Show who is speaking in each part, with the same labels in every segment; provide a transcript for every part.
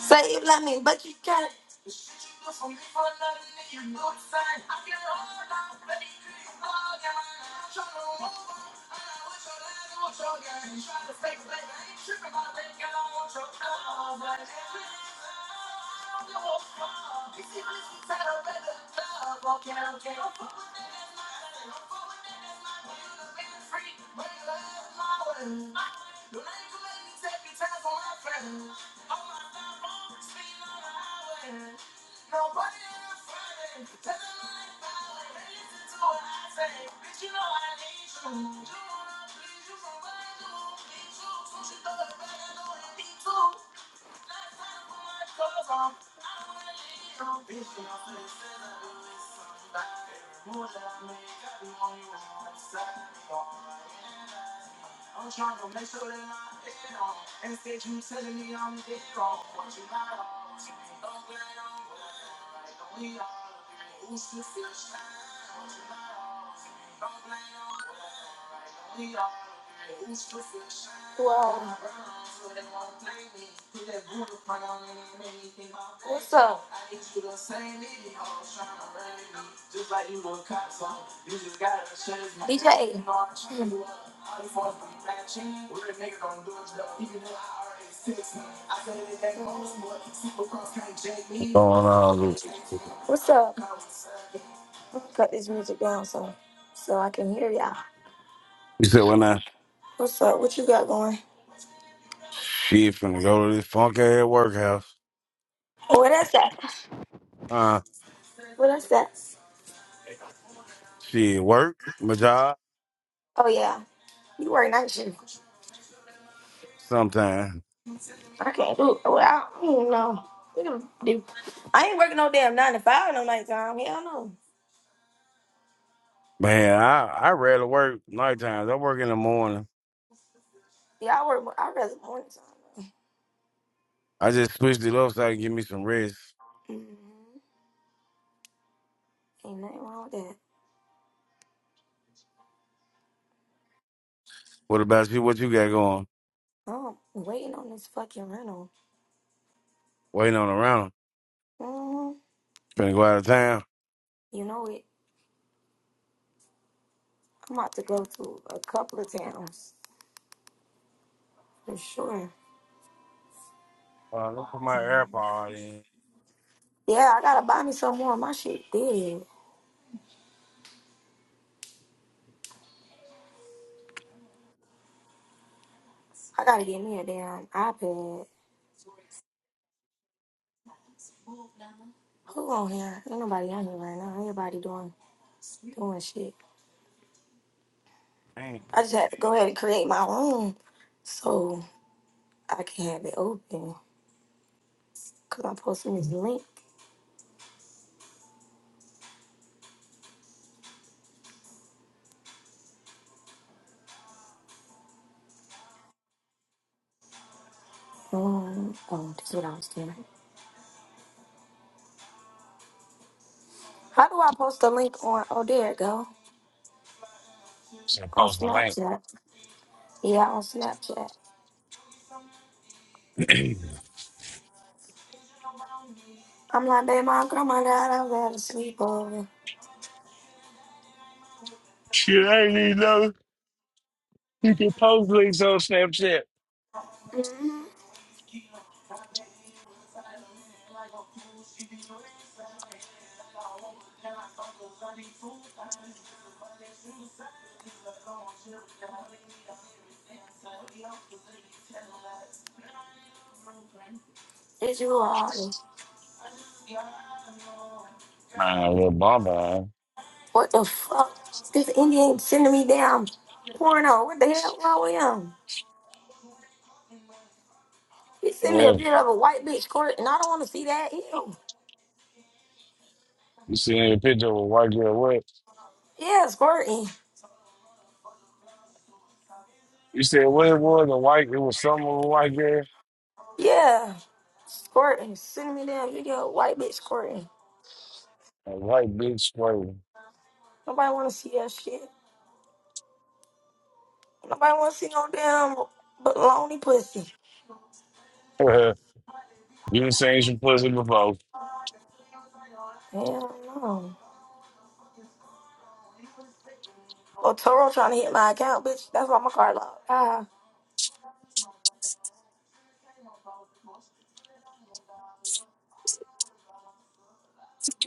Speaker 1: Say you love me, but you can't. Whoa. What's up? DJ. What's
Speaker 2: What's going on? This you
Speaker 1: up? Let me cut this music down so so I can hear y'all.
Speaker 2: said when I
Speaker 1: What's up? What you got going?
Speaker 2: she finna go to this funk ass workhouse.
Speaker 1: Oh, What I that?
Speaker 2: Uh
Speaker 1: What I say?
Speaker 2: she work, my job,
Speaker 1: Oh yeah, you work night shift.
Speaker 2: sometime.
Speaker 1: I can't do. it. Well, I don't even know. We can do. I ain't working no damn nine to five no nighttime. Hell no.
Speaker 2: Man, I I rarely work night times. I work in the morning.
Speaker 1: Yeah, I work. more- I rather morning time.
Speaker 2: I just switched it up so I can give me some rest.
Speaker 1: Mm-hmm. Ain't nothing wrong with that.
Speaker 2: What about you? What you got going?
Speaker 1: I'm waiting on this fucking rental.
Speaker 2: Waiting on around.
Speaker 1: hmm
Speaker 2: Finna go out of town.
Speaker 1: You know it. I'm about to go to a couple of towns for sure.
Speaker 2: Uh, let me put my AirPod in.
Speaker 1: Yeah, I gotta buy me some more. My shit dead. I gotta get me a damn iPad. Who on here? Ain't nobody on here right now. Everybody doing doing shit.
Speaker 2: Dang.
Speaker 1: I just had to go ahead and create my own so I can have it open. Cause I'm posting this link on oh, this is what I was doing. How do I post a link on oh there it go.
Speaker 2: Should
Speaker 1: On
Speaker 2: post the link.
Speaker 1: Snapchat. Yeah, on Snapchat. I'm like, babe, my grandma died, I was at a sleepover.
Speaker 2: Shit, I did even know you can post links on Snapchat.
Speaker 1: Mm-hmm. Did you all
Speaker 2: My little bummer.
Speaker 1: What the fuck? This Indian sending me damn porno. What the hell wrong with him? He sent me a bit of a white bitch squirting. I don't wanna see that. Ew.
Speaker 2: You see a picture of a white girl. What
Speaker 1: Yeah, squirting.
Speaker 2: you said? What it was? A white? It was some of a white girl.
Speaker 1: Yeah, squirting. Sending me damn video of white bitch squirting.
Speaker 2: A white bitch spraying.
Speaker 1: Nobody wanna see that shit. Nobody wanna see no damn baloney pussy.
Speaker 2: you done seen some pussy before.
Speaker 1: Hell no. Oh, Toro trying to hit my account, bitch. That's why my card locked. Ah,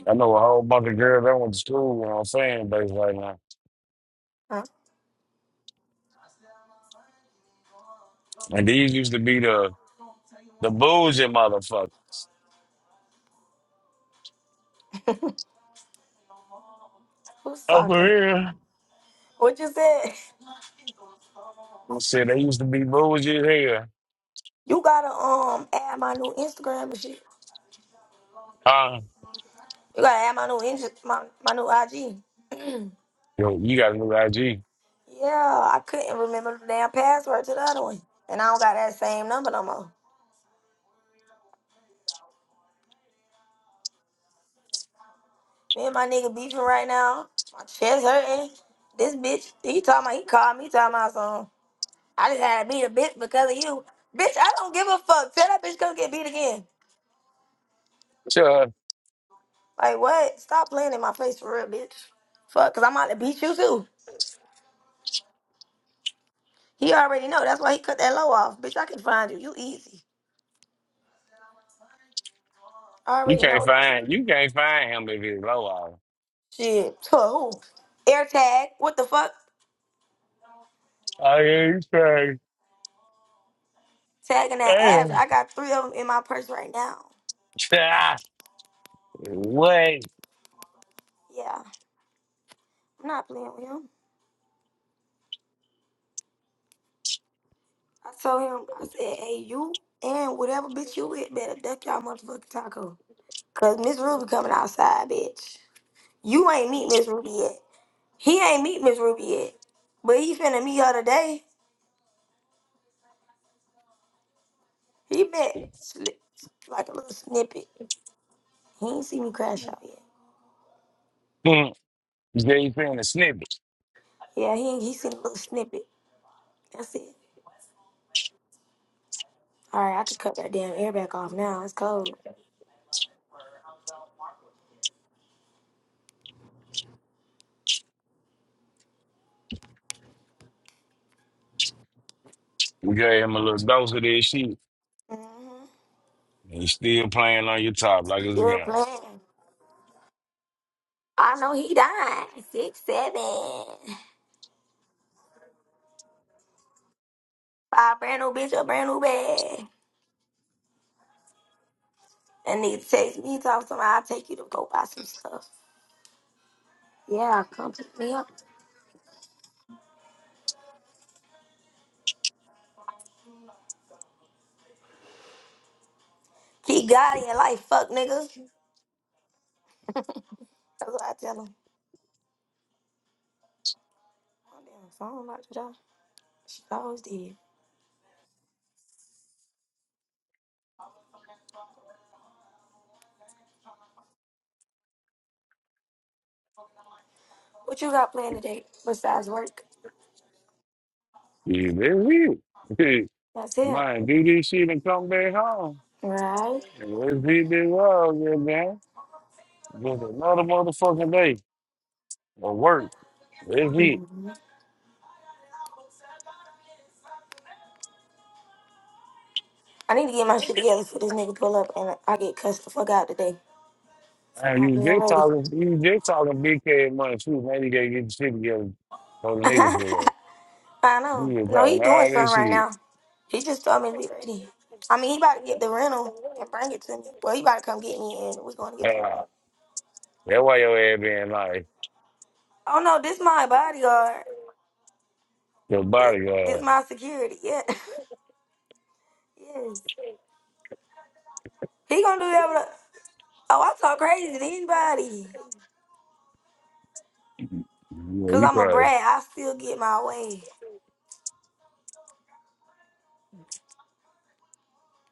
Speaker 2: I know a whole bunch of girls that went to school on a fan base right now,
Speaker 1: huh?
Speaker 2: and these used to be the the bougie motherfuckers.
Speaker 1: Who's
Speaker 2: Oh, for
Speaker 1: talking?
Speaker 2: real?
Speaker 1: What you said?
Speaker 2: I said they used to be bougie as hell.
Speaker 1: You gotta um add my new Instagram and shit.
Speaker 2: Uh,
Speaker 1: You gotta add my new Insta, my my new IG.
Speaker 2: yo, you got a new IG.
Speaker 1: yeah, I couldn't remember the damn password to the other one, and I don't got that same number no more. Me and my nigga beefing right now. My chest hurting. This bitch, he talking about, he called me talking about something. I just had to beat a bitch because of you. Bitch, I don't give a fuck. Tell that bitch come get beat again.
Speaker 2: Sure,
Speaker 1: Like, what? Stop playing in my face for real, bitch. Fuck, because I'm out to beat you too. He already know. That's why he cut that low off. Bitch, I can find you. You easy. I
Speaker 2: you
Speaker 1: already
Speaker 2: can't
Speaker 1: know. this.
Speaker 2: find you can't find him if it's low hour.
Speaker 1: Shit. So, Who? Air tag. What the fuck?
Speaker 2: Oh yeah, he's crazy.
Speaker 1: Tagging that ass.
Speaker 2: Damn.
Speaker 1: I got three of them in my purse right now.
Speaker 2: What?
Speaker 1: Yeah. I'm not playing with him. I told him, I said, hey, you and whatever bitch you with better duck y'all motherfucking taco. Cause Miss Ruby coming outside, bitch. You ain't meet Miss Ruby yet. He ain't meet Miss Ruby yet. But he finna meet her today. He met sli- like a little snippet. He ain't seen me crash out yet.
Speaker 2: You gave him a snippet.
Speaker 1: Yeah, he ain't, he seen a little snippet. That's it. All right, I could cut that damn air back off now. It's cold.
Speaker 2: You gave him a little dose of that shit.
Speaker 1: Mm-hmm.
Speaker 2: And he's still playing on your top like it's a
Speaker 1: Still
Speaker 2: game.
Speaker 1: playing. I know he died. Six, seven. Buy a brand new bitch, a brand new bag. That nigga text me, He talk something, I'll take you to go buy some stuff. Yeah, come pick me up. Keep God in your life, fuck nigga. That's what I tell him. My damn phone not the door. She always did. What you got planned today besides work?
Speaker 2: Yeah, that's weird.
Speaker 1: That's it.
Speaker 2: Man, do this shit and come back home.
Speaker 1: Right.
Speaker 2: And let's hit this wall, goddamn. Just another motherfucking day of work. That's it.
Speaker 1: I need to get my shit together for this nigga pull up and I get cussed the fuck out today for
Speaker 2: Man,
Speaker 1: not
Speaker 2: you
Speaker 1: being
Speaker 2: just
Speaker 1: ready.
Speaker 2: talking, you just talking big ass money too. Man, you gotta get the shit together for the nigga
Speaker 1: I
Speaker 2: pull up. You
Speaker 1: know.
Speaker 2: just
Speaker 1: No, he
Speaker 2: talking
Speaker 1: doing
Speaker 2: all
Speaker 1: something
Speaker 2: this
Speaker 1: right
Speaker 2: shit.
Speaker 1: now. He just told me to be ready. I mean, he about to get the rental and bring it to me. Well, he about to come get me and we're going to get the
Speaker 2: Ah.
Speaker 1: rental.
Speaker 2: That's why your ass being like
Speaker 1: Oh no, this my bodyguard.
Speaker 2: your
Speaker 1: This this
Speaker 2: bodyguard.
Speaker 1: my security. Yeah. yes. He gonna do that with a, Oh, I talk crazy to anybody.
Speaker 2: Yeah,
Speaker 1: Cause
Speaker 2: you
Speaker 1: I'm a
Speaker 2: crazy.
Speaker 1: brat. I still get my way.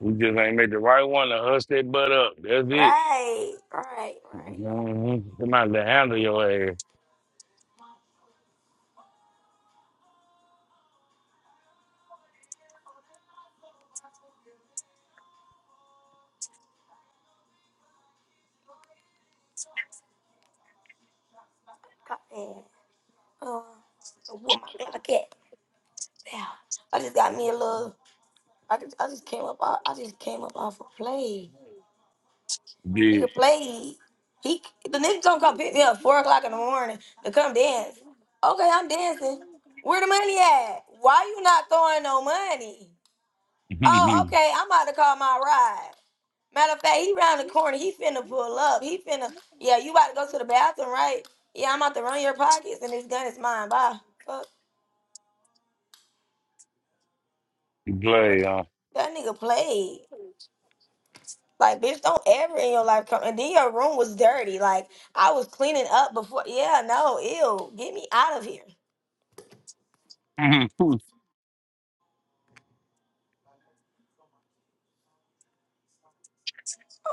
Speaker 2: We just ain't made the right one to hush that butt up. That's it.
Speaker 1: Right. Right. Right.
Speaker 2: hmm Somebody to handle your ass.
Speaker 1: Got that. Uh, so what my Glock at? Yeah. I just got me a little. I, just- I just came up. I, I just came up off a play.
Speaker 2: Dude.
Speaker 1: Nigga played. He the nigga gonna come pick me up four o'clock in the morning to come dance. Okay, I'm dancing. Where the money at? Why you not throwing no money? Oh,
Speaker 2: you
Speaker 1: okay, I'm about to call my ride. Matter of fact, he round the corner. He finna pull up. He finna. Yeah, you about to go to the bathroom, right? Yeah, I'm about to run your pockets, and this gun is mine. Bye. Fuck. What?
Speaker 2: play, huh?
Speaker 1: That nigga played. Like, bitch, don't ever in your life come. And then your room was dirty. Like, I was cleaning up before. Yeah, no, ew. Get me out of here.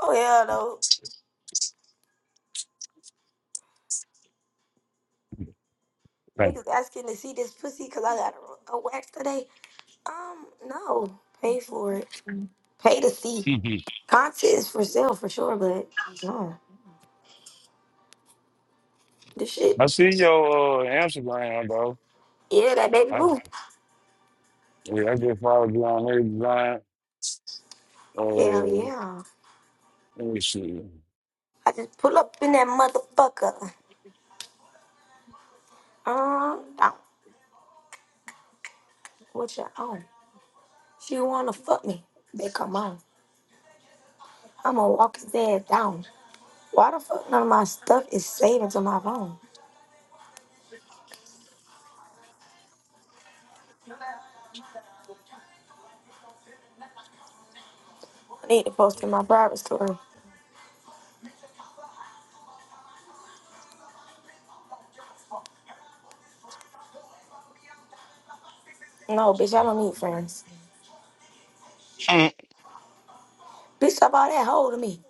Speaker 1: Oh, hell no. Niggas asking to see this pussy because I got a, a wax today. Um, no. Pay for it. Pay to see. Content is for sale for sure, but no. This shit.
Speaker 2: I see your uh, Instagram, though.
Speaker 1: Yeah, that baby
Speaker 2: I,
Speaker 1: boo.
Speaker 2: yeah, I just followed you on there, design. Uh,
Speaker 1: Hell yeah.
Speaker 2: let me see.
Speaker 1: I just pull up in that motherfucker. Um, down. What you on? She wanna fuck me. They come on. I'ma walk his ass down. Why the fuck none of my stuff is saved to my phone? I need to post in my private story. No, bitch, I don't need friends. Bitch, stop all that hold of me.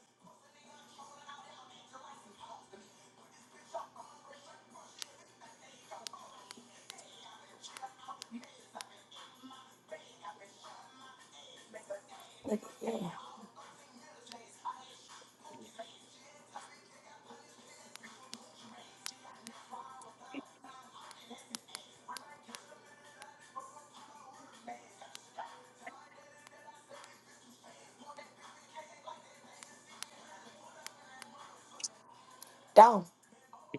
Speaker 1: Like, yeah, down.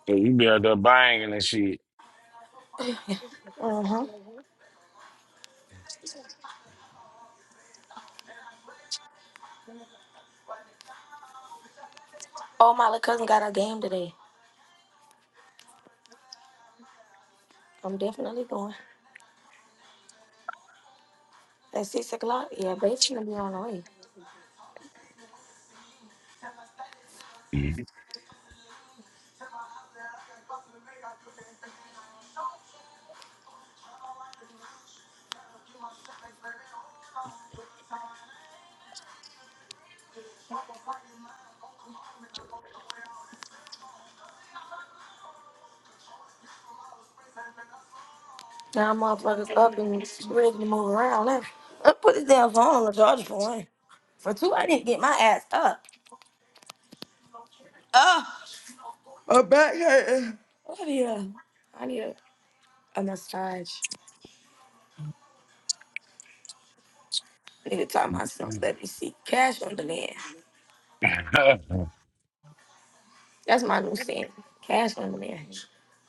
Speaker 2: So you be out there banging and shit.
Speaker 1: Mm-hmm. Oh, my little cousin got a game today. I'm definitely going. At 6 o'clock, yeah, babe's gonna be on the way. Now motherfuckers up and ready to move around now. I put this damn phone on the charger for one. For two, I need to get my ass up. Oh, yeah. I need a, a massage. I need to talk myself. Let me see. Cash on demand. That's my new sin. Cash on the man.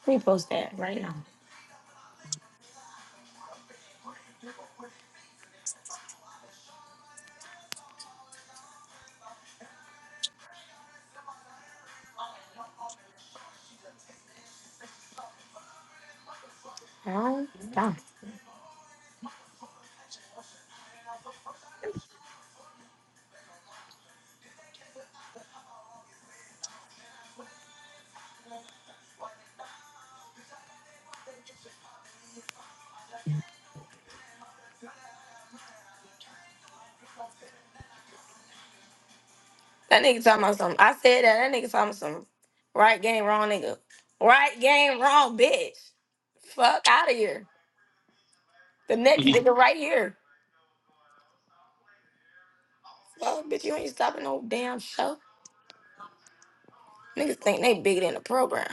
Speaker 1: Repost that right now. Oh, damn. That nigga talking about something. I said that. That nigga talking about some right game, wrong nigga. Right game, wrong bitch. Fuck out of here. The next nigga right here. Well, bitch, you ain't stopping no damn show. Niggas think they bigger than the program.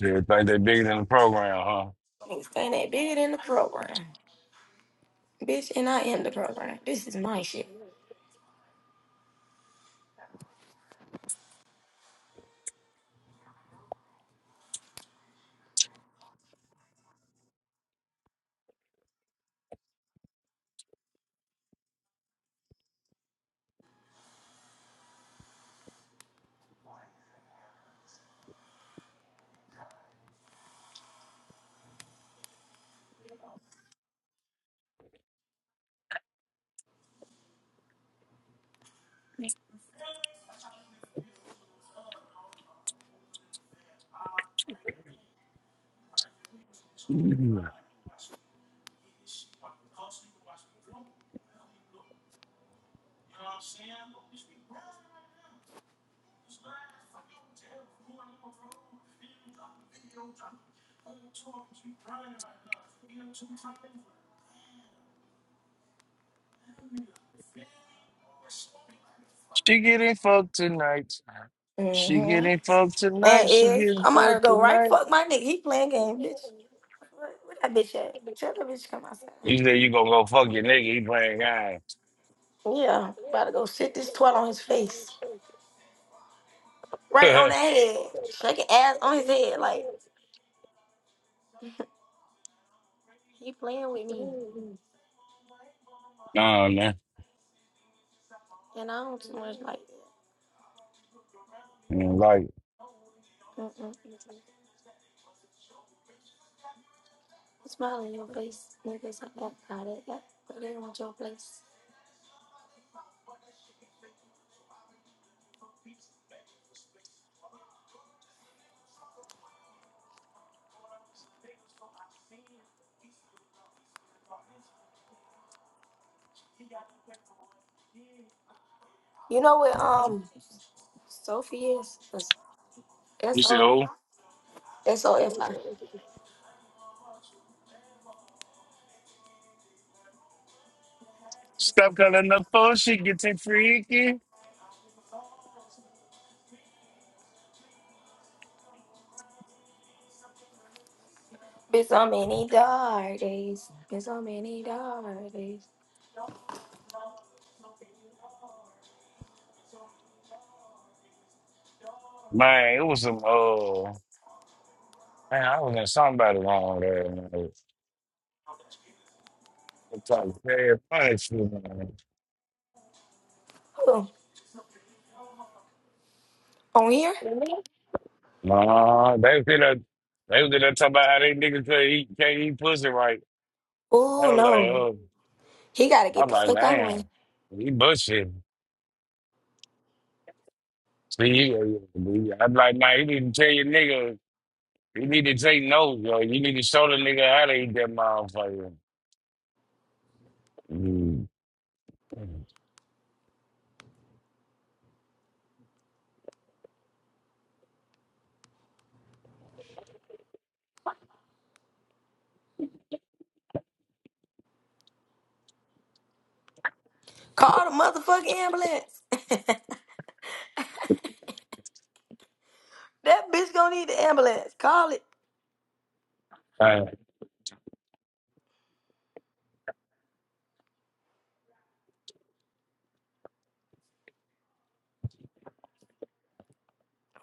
Speaker 2: Yeah, think they bigger than the program,
Speaker 1: Niggas think they bigger than the program. Bitch, and I am the program. This is my shit.
Speaker 2: huh? she getting fucked tonight. She
Speaker 1: Mm-hmm.
Speaker 2: getting fucked
Speaker 1: And
Speaker 2: tonight. She
Speaker 1: is
Speaker 2: getting
Speaker 1: I'm about to
Speaker 2: fucked
Speaker 1: go right
Speaker 2: tonight.
Speaker 1: fuck my nigga. He playing game, bitch. Where, where that bitch at? Tell that bitch to come outside.
Speaker 2: You said you gonna go fuck your nigga. He playing games.
Speaker 1: Yeah, about to go sit this twat on his face. Right on the head. shaking ass on his head. Like, he playing with me.
Speaker 2: nah, man.
Speaker 1: And I don't too much like
Speaker 2: I don't like it.
Speaker 1: that. Mm-mm. Smile in your face. Niggas like that. How that, that. But they want your place. You know what, um, Sophie is?
Speaker 2: You said
Speaker 1: S-O-F.
Speaker 2: who?
Speaker 1: S-O-F-I.
Speaker 2: Stop calling the phone. She getting freaky.
Speaker 1: Been so many dark days. Been so many dark days.
Speaker 2: Man, it was some. Uh, man, I was in somebody wrong there. Man. I'm talking bad punishment. Man.
Speaker 1: Who? On here?
Speaker 2: Nah, they was in there. They was in there talking about how they niggas can't eat, can't eat pussy right. I
Speaker 1: Oh,
Speaker 2: was like,
Speaker 1: no.
Speaker 2: oh,
Speaker 1: He gotta get
Speaker 2: I'm
Speaker 1: the
Speaker 2: like,
Speaker 1: fuck out
Speaker 2: man,
Speaker 1: one.
Speaker 2: he bullshit. See, I'm like, man, he need to tell your nigga, he need to take notes, yo. You need to show the nigga how to eat that motherfucker. Mm.
Speaker 1: Call the motherfucking ambulance. that bitch gonna need the ambulance. Call it.
Speaker 2: Uh,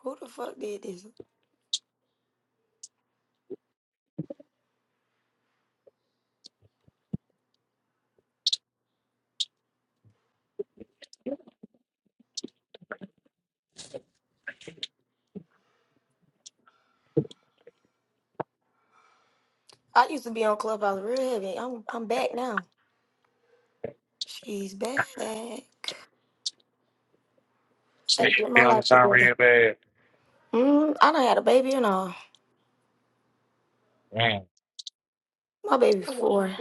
Speaker 1: Who the fuck did this? I used to be on Clubhouse real heavy. I'm I'm back now. She's back. Gotta get
Speaker 2: be
Speaker 1: my
Speaker 2: on this
Speaker 1: life
Speaker 2: time
Speaker 1: together.
Speaker 2: real bad.
Speaker 1: Mm, I done had a baby and all.
Speaker 2: Man.
Speaker 1: My baby's four.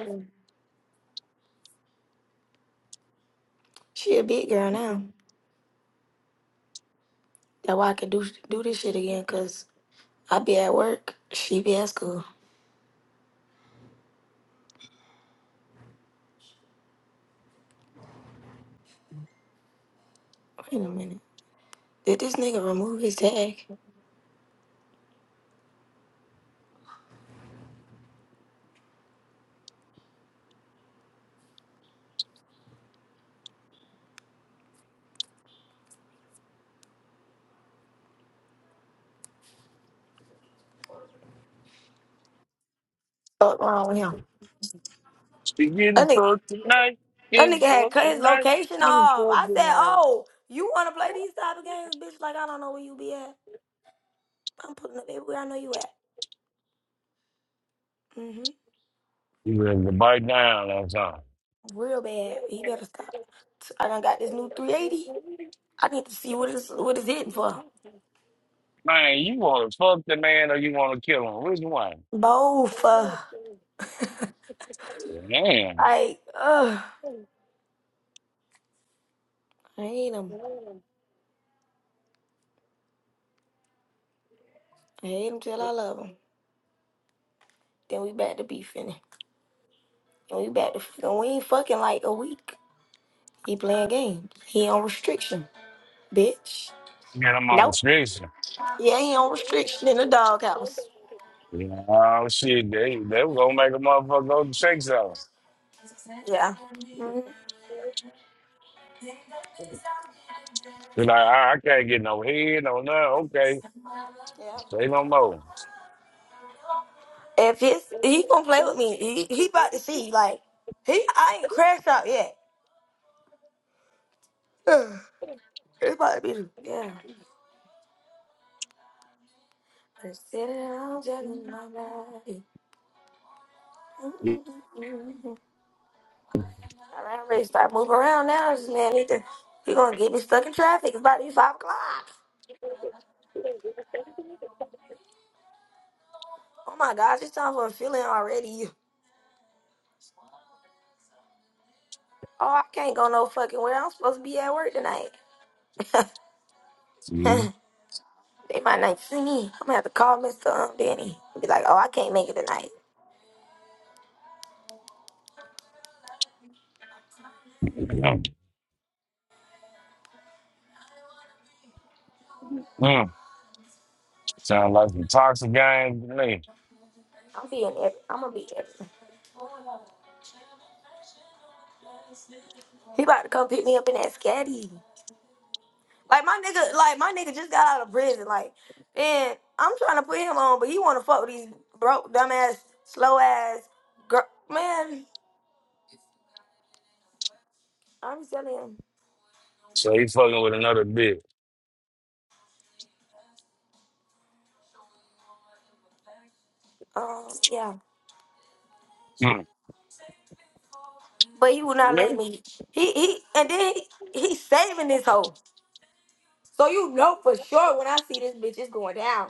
Speaker 1: She a big girl now. That's why I can do do this shit again, cause I be at work, she be at school. Wait a minute. Did this nigga remove his tag? Fuck wrong with him?
Speaker 2: She
Speaker 1: That
Speaker 2: getting
Speaker 1: nigga.
Speaker 2: fucked tonight,
Speaker 1: That
Speaker 2: getting
Speaker 1: nigga had cut
Speaker 2: fucked
Speaker 1: his
Speaker 2: tonight,
Speaker 1: location
Speaker 2: getting
Speaker 1: off.
Speaker 2: fucked
Speaker 1: I said,
Speaker 2: tonight.
Speaker 1: "Oh, you want to play these type of games, bitch? Like I don't know where you be at. I'm putting up everywhere I know you at. hmm
Speaker 2: You ready to bite down on something.
Speaker 1: Real bad. He better stop. I done got this new 380. I need to see what it's what it's hitting for.
Speaker 2: Man, you want to fuck the man or you want to kill him? Which one?
Speaker 1: Both. Uh,
Speaker 2: Damn.
Speaker 1: like, ugh. I hate him. I hate him till I love him. Then we back to beefing. And we back to fucking. We ain't fucking like a week. He playing games. He on restriction, bitch.
Speaker 2: You got him on
Speaker 1: Nope.
Speaker 2: restriction.
Speaker 1: Yeah, he on restriction in the doghouse.
Speaker 2: Oh shit, they they were gonna make a motherfucker go to sex zone.
Speaker 1: Yeah. Mhm.
Speaker 2: They're like, I, I can't get no head, no nothing. Okay,
Speaker 1: Yeah.
Speaker 2: say no more.
Speaker 1: If his he gonna play with me, he he about to see like he I ain't crashed out yet. It's about to be yeah. Sitting on judging my body.
Speaker 2: See,
Speaker 1: Mm-mm-mm-mm. I'm ready to start moving around now. This man need to he gonna get me stuck in traffic. It's about to be five o'clock. Oh my gosh, it's time for a feeling already. Oh, I can't go no fucking where I'm supposed to be at work tonight.
Speaker 2: mm.
Speaker 1: they might not see me. I'm gonna have to call Mr. Um, Danny. Be like, oh, I can't make it tonight.
Speaker 2: Mm. sound like some toxic game to me.
Speaker 1: I'm being every, I'm gonna be every. He about to come pick me up in that scatty. Like my nigga, like my nigga just got out of prison. Like, and I'm trying to put him on, but he wanna fuck with these broke, dumbass, slow ass girl. Man, I'm telling him.
Speaker 2: So he fucking with another bitch.
Speaker 1: Um, yeah,
Speaker 2: Mm.
Speaker 1: but he will not let
Speaker 2: Really?
Speaker 1: me. He he, and then he, he saving this hoe. So you know for sure when I see this bitch, it's going down.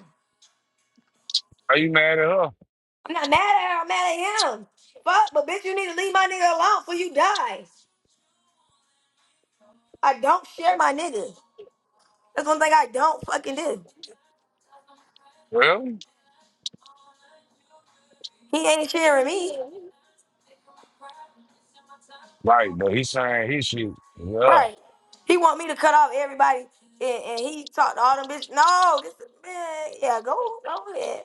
Speaker 2: Are you mad at her?
Speaker 1: I'm not mad at her. I'm mad at him. Fuck, but bitch, you need to leave my nigga alone before you die. I don't share my nigga. That's one thing I don't fucking do.
Speaker 2: Really?
Speaker 1: He ain't sharing me.
Speaker 2: Right, but he's saying he shoot. Yeah.
Speaker 1: Right. He want me to cut off everybody and, and he talked to all them bitches. No, this man, yeah, go go ahead.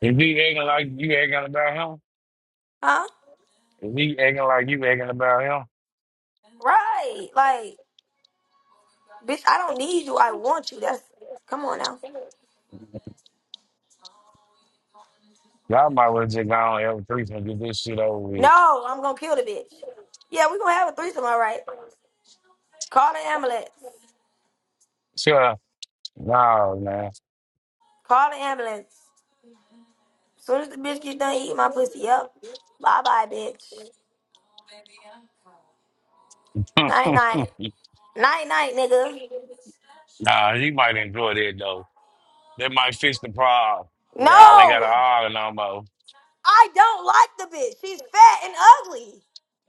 Speaker 2: If he acting like you acting about him,
Speaker 1: Huh?
Speaker 2: if he acting like you acting about
Speaker 1: Right. Like, bitch, I don't need you. I want you. That's come on now.
Speaker 2: him, y'all might as well just go on every threesome and get this shit over with.
Speaker 1: No, I'm gonna kill the bitch. Yeah, we gonna have a threesome, all right. Call the ambulance.
Speaker 2: Sure. No, man.
Speaker 1: Call the ambulance. soon as the bitch get done eating my pussy up, bye bye, bitch.
Speaker 2: nah,
Speaker 1: Night night.
Speaker 2: he
Speaker 1: Night night, nigga.
Speaker 2: might enjoy that though. That might fix the problem. Y'all ain't got an
Speaker 1: No!
Speaker 2: island no more.
Speaker 1: I don't like the bitch. She's fat and ugly.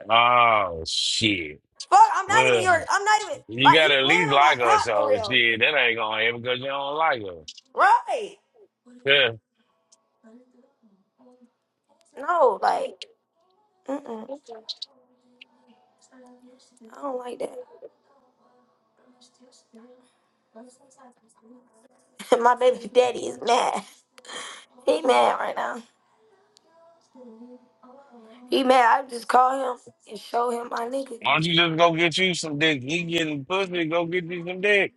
Speaker 2: Oh shit.
Speaker 1: Fuck, I'm not even your.
Speaker 2: Well,
Speaker 1: I'm not even
Speaker 2: you
Speaker 1: like he's
Speaker 2: gotta at
Speaker 1: playing
Speaker 2: least
Speaker 1: on my
Speaker 2: like us,
Speaker 1: top for
Speaker 2: so
Speaker 1: real.
Speaker 2: shit, that ain't gonna happen because you don't like us.
Speaker 1: Right?
Speaker 2: Yeah.
Speaker 1: No, like, mm-mm, I don't like that. my baby daddy is mad. He mad right now. He mad. I just call him and show him my nigga.
Speaker 2: Why don't
Speaker 1: I
Speaker 2: you just go get you some dick? He getting pussy, go get you some dick.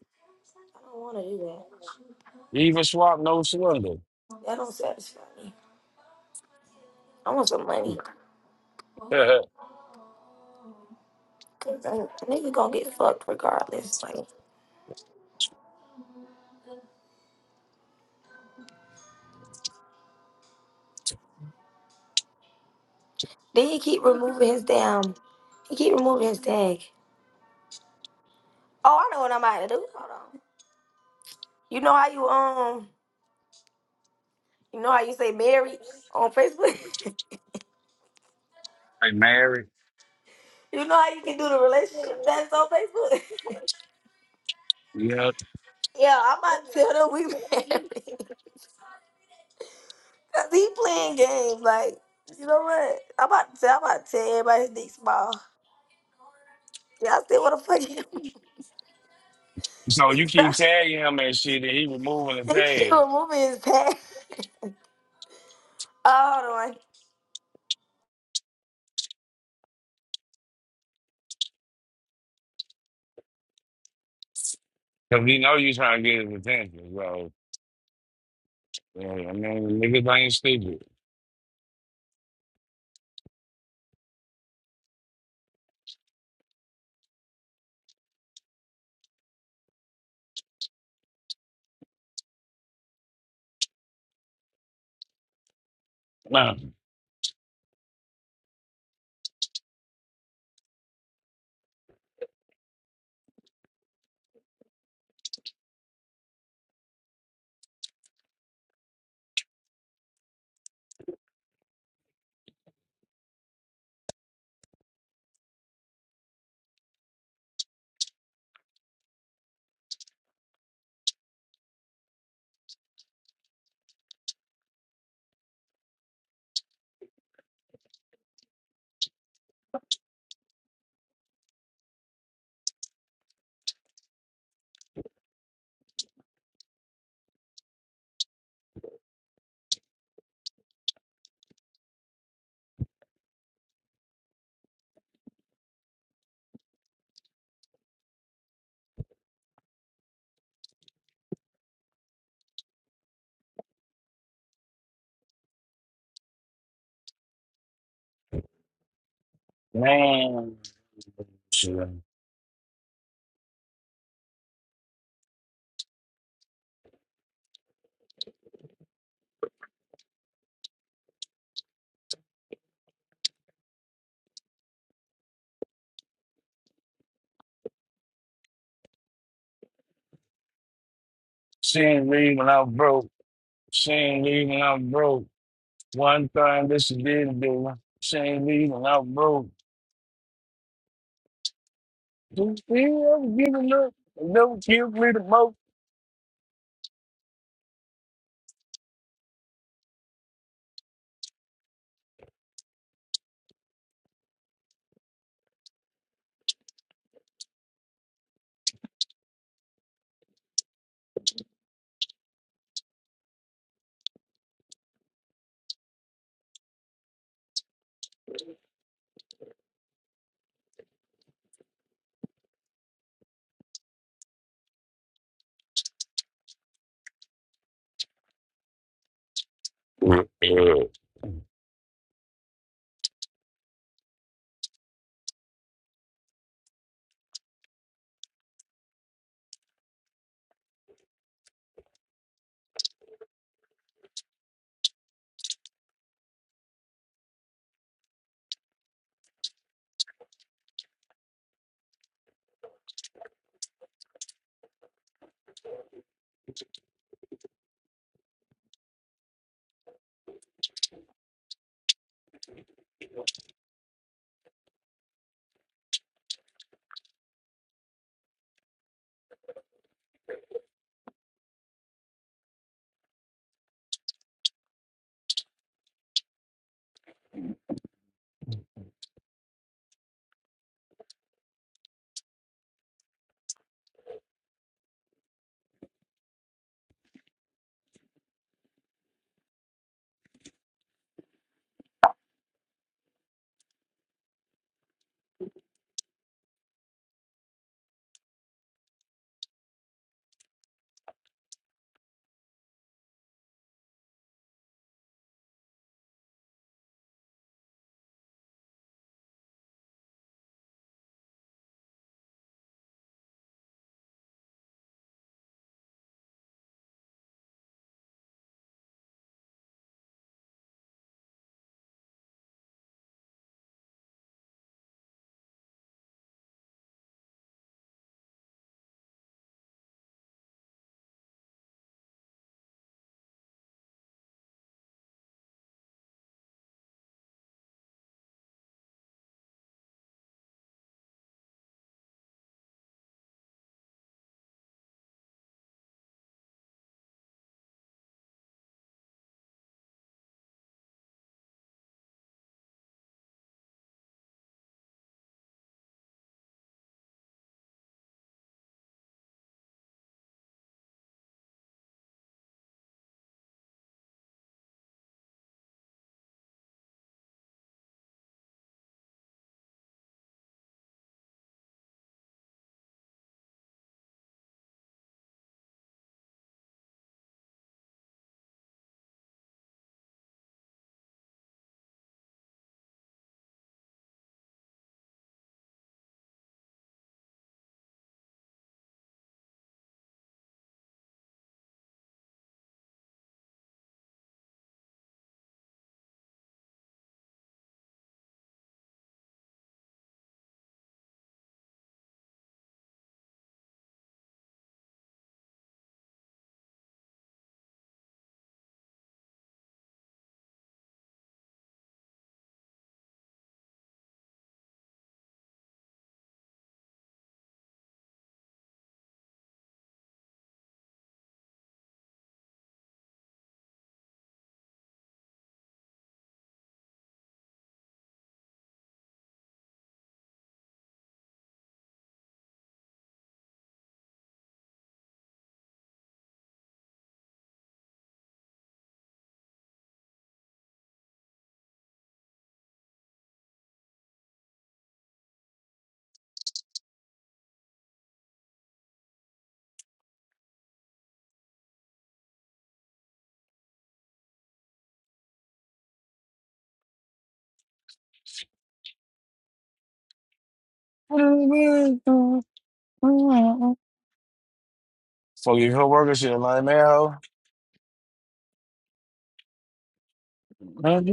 Speaker 1: don't want to do
Speaker 2: Even swap no swindle.
Speaker 1: that. That don't satisfy me. I want some money. Cause a nigga gonna get fucked regardless. Like, then he keep removing his damn. He keep removing his tag. Oh, I know what I'm about to do. Hold on. You know how you um you know how you say married on Facebook?
Speaker 2: Hey, married.
Speaker 1: you know how you can do the relationship test on Facebook?
Speaker 2: Yeah.
Speaker 1: yeah, I'm about to tell them we married. Cause he playing games like you know what? I'm about to tell I'm about to tell everybody his dick small. Yeah, I still wanna fuck him.
Speaker 2: So you keep tagging him and shit, and he removing the
Speaker 1: So He keep
Speaker 2: tag.
Speaker 1: removing his pants. Oh, Hold on.
Speaker 2: Cause he know you trying to get his attention. So Yeah, I mean, niggas ain't stupid. Nah, man. Shit. Seeing me when I was broke. Seeing me when I was broke. One time this is did do. Seeing me when I was broke. Do you ever give a look? Never give me the most. Fuck your coworker shit, like man, ho. Man,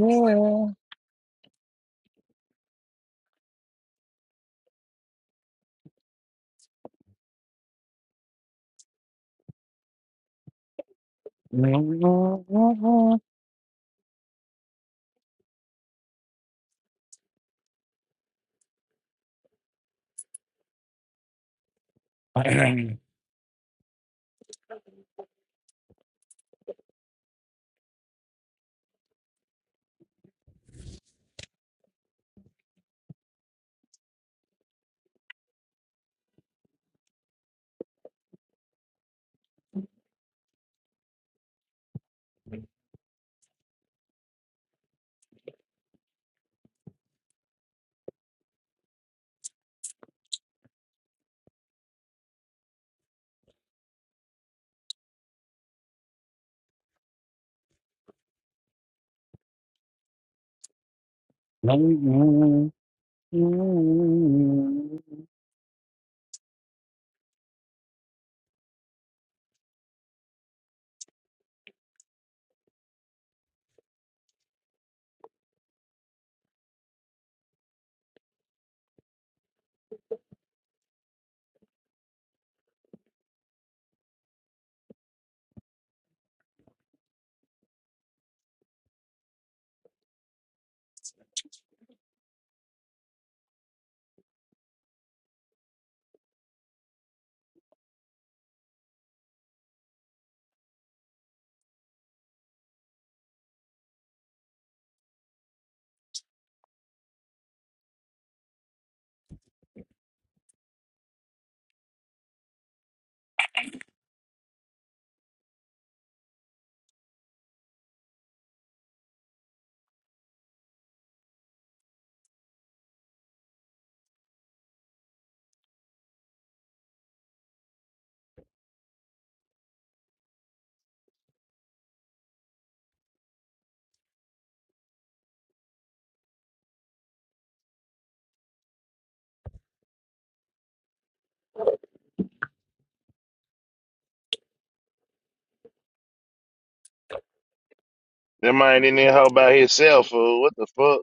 Speaker 3: That man in there all by himself, fool. What the fuck?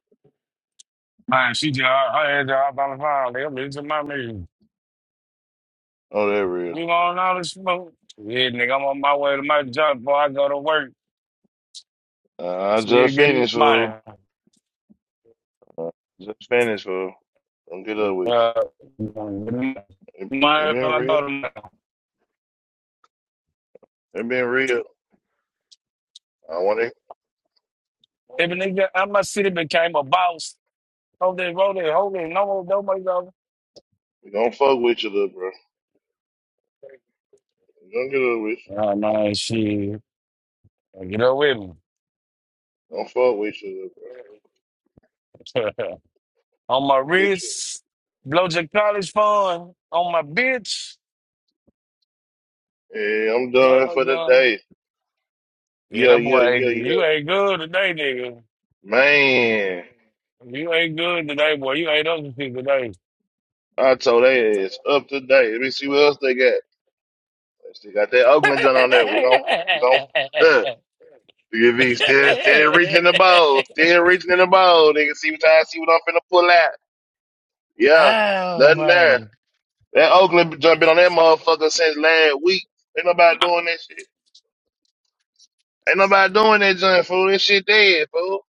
Speaker 2: she just her her ass just hop on the phone. They gonna listen to my music.
Speaker 3: Oh, that real.
Speaker 2: You want all the smoke? Yeah, nigga, I'm on my way to my job before I go to work.
Speaker 3: Uh, I
Speaker 2: See you
Speaker 3: just
Speaker 2: getting
Speaker 3: finished, fool.
Speaker 2: money.
Speaker 3: Uh, just finished, fool. Don't get up with
Speaker 2: Uh,
Speaker 3: you.
Speaker 2: money
Speaker 3: It,
Speaker 2: when
Speaker 3: it been
Speaker 2: I go
Speaker 3: real.
Speaker 2: to money.
Speaker 3: It been real. I want to.
Speaker 2: If a nigga out my city became a boss, hold it, roll it, hold it, no more, no more, no more.
Speaker 3: Don't fuck with you, little bro. Don't get up with you.
Speaker 2: Oh, man, shit. Get up with me.
Speaker 3: Don't fuck with you, little bro.
Speaker 2: on my
Speaker 3: Get you.
Speaker 2: wrist, blow your college fund, on my bitch.
Speaker 3: Yeah, I'm
Speaker 2: Go,
Speaker 3: done
Speaker 2: go,
Speaker 3: for the day.
Speaker 2: Yeah,
Speaker 3: Yeah,
Speaker 2: that boy,
Speaker 3: yeah, yeah,
Speaker 2: ain't- you
Speaker 3: yeah.
Speaker 2: ain't good today, nigga.
Speaker 3: Man,
Speaker 2: You ain't good today, boy. You ain't up to see today.
Speaker 3: I told they ass up today. Let me see what else they got. They still got that Oakland joint on there. We gon' we gon' You be still, steady reaching in the bowl, still reaching in the bowl. Nigga, see what I see what I'm finna pull out. Yeah,
Speaker 2: oh
Speaker 3: nothing there.
Speaker 2: man.
Speaker 3: That Oakland jump been on that motherfucker since last week. Ain't nobody doing that shit. Ain't nobody doing that junk, fool. This shit dead, fool.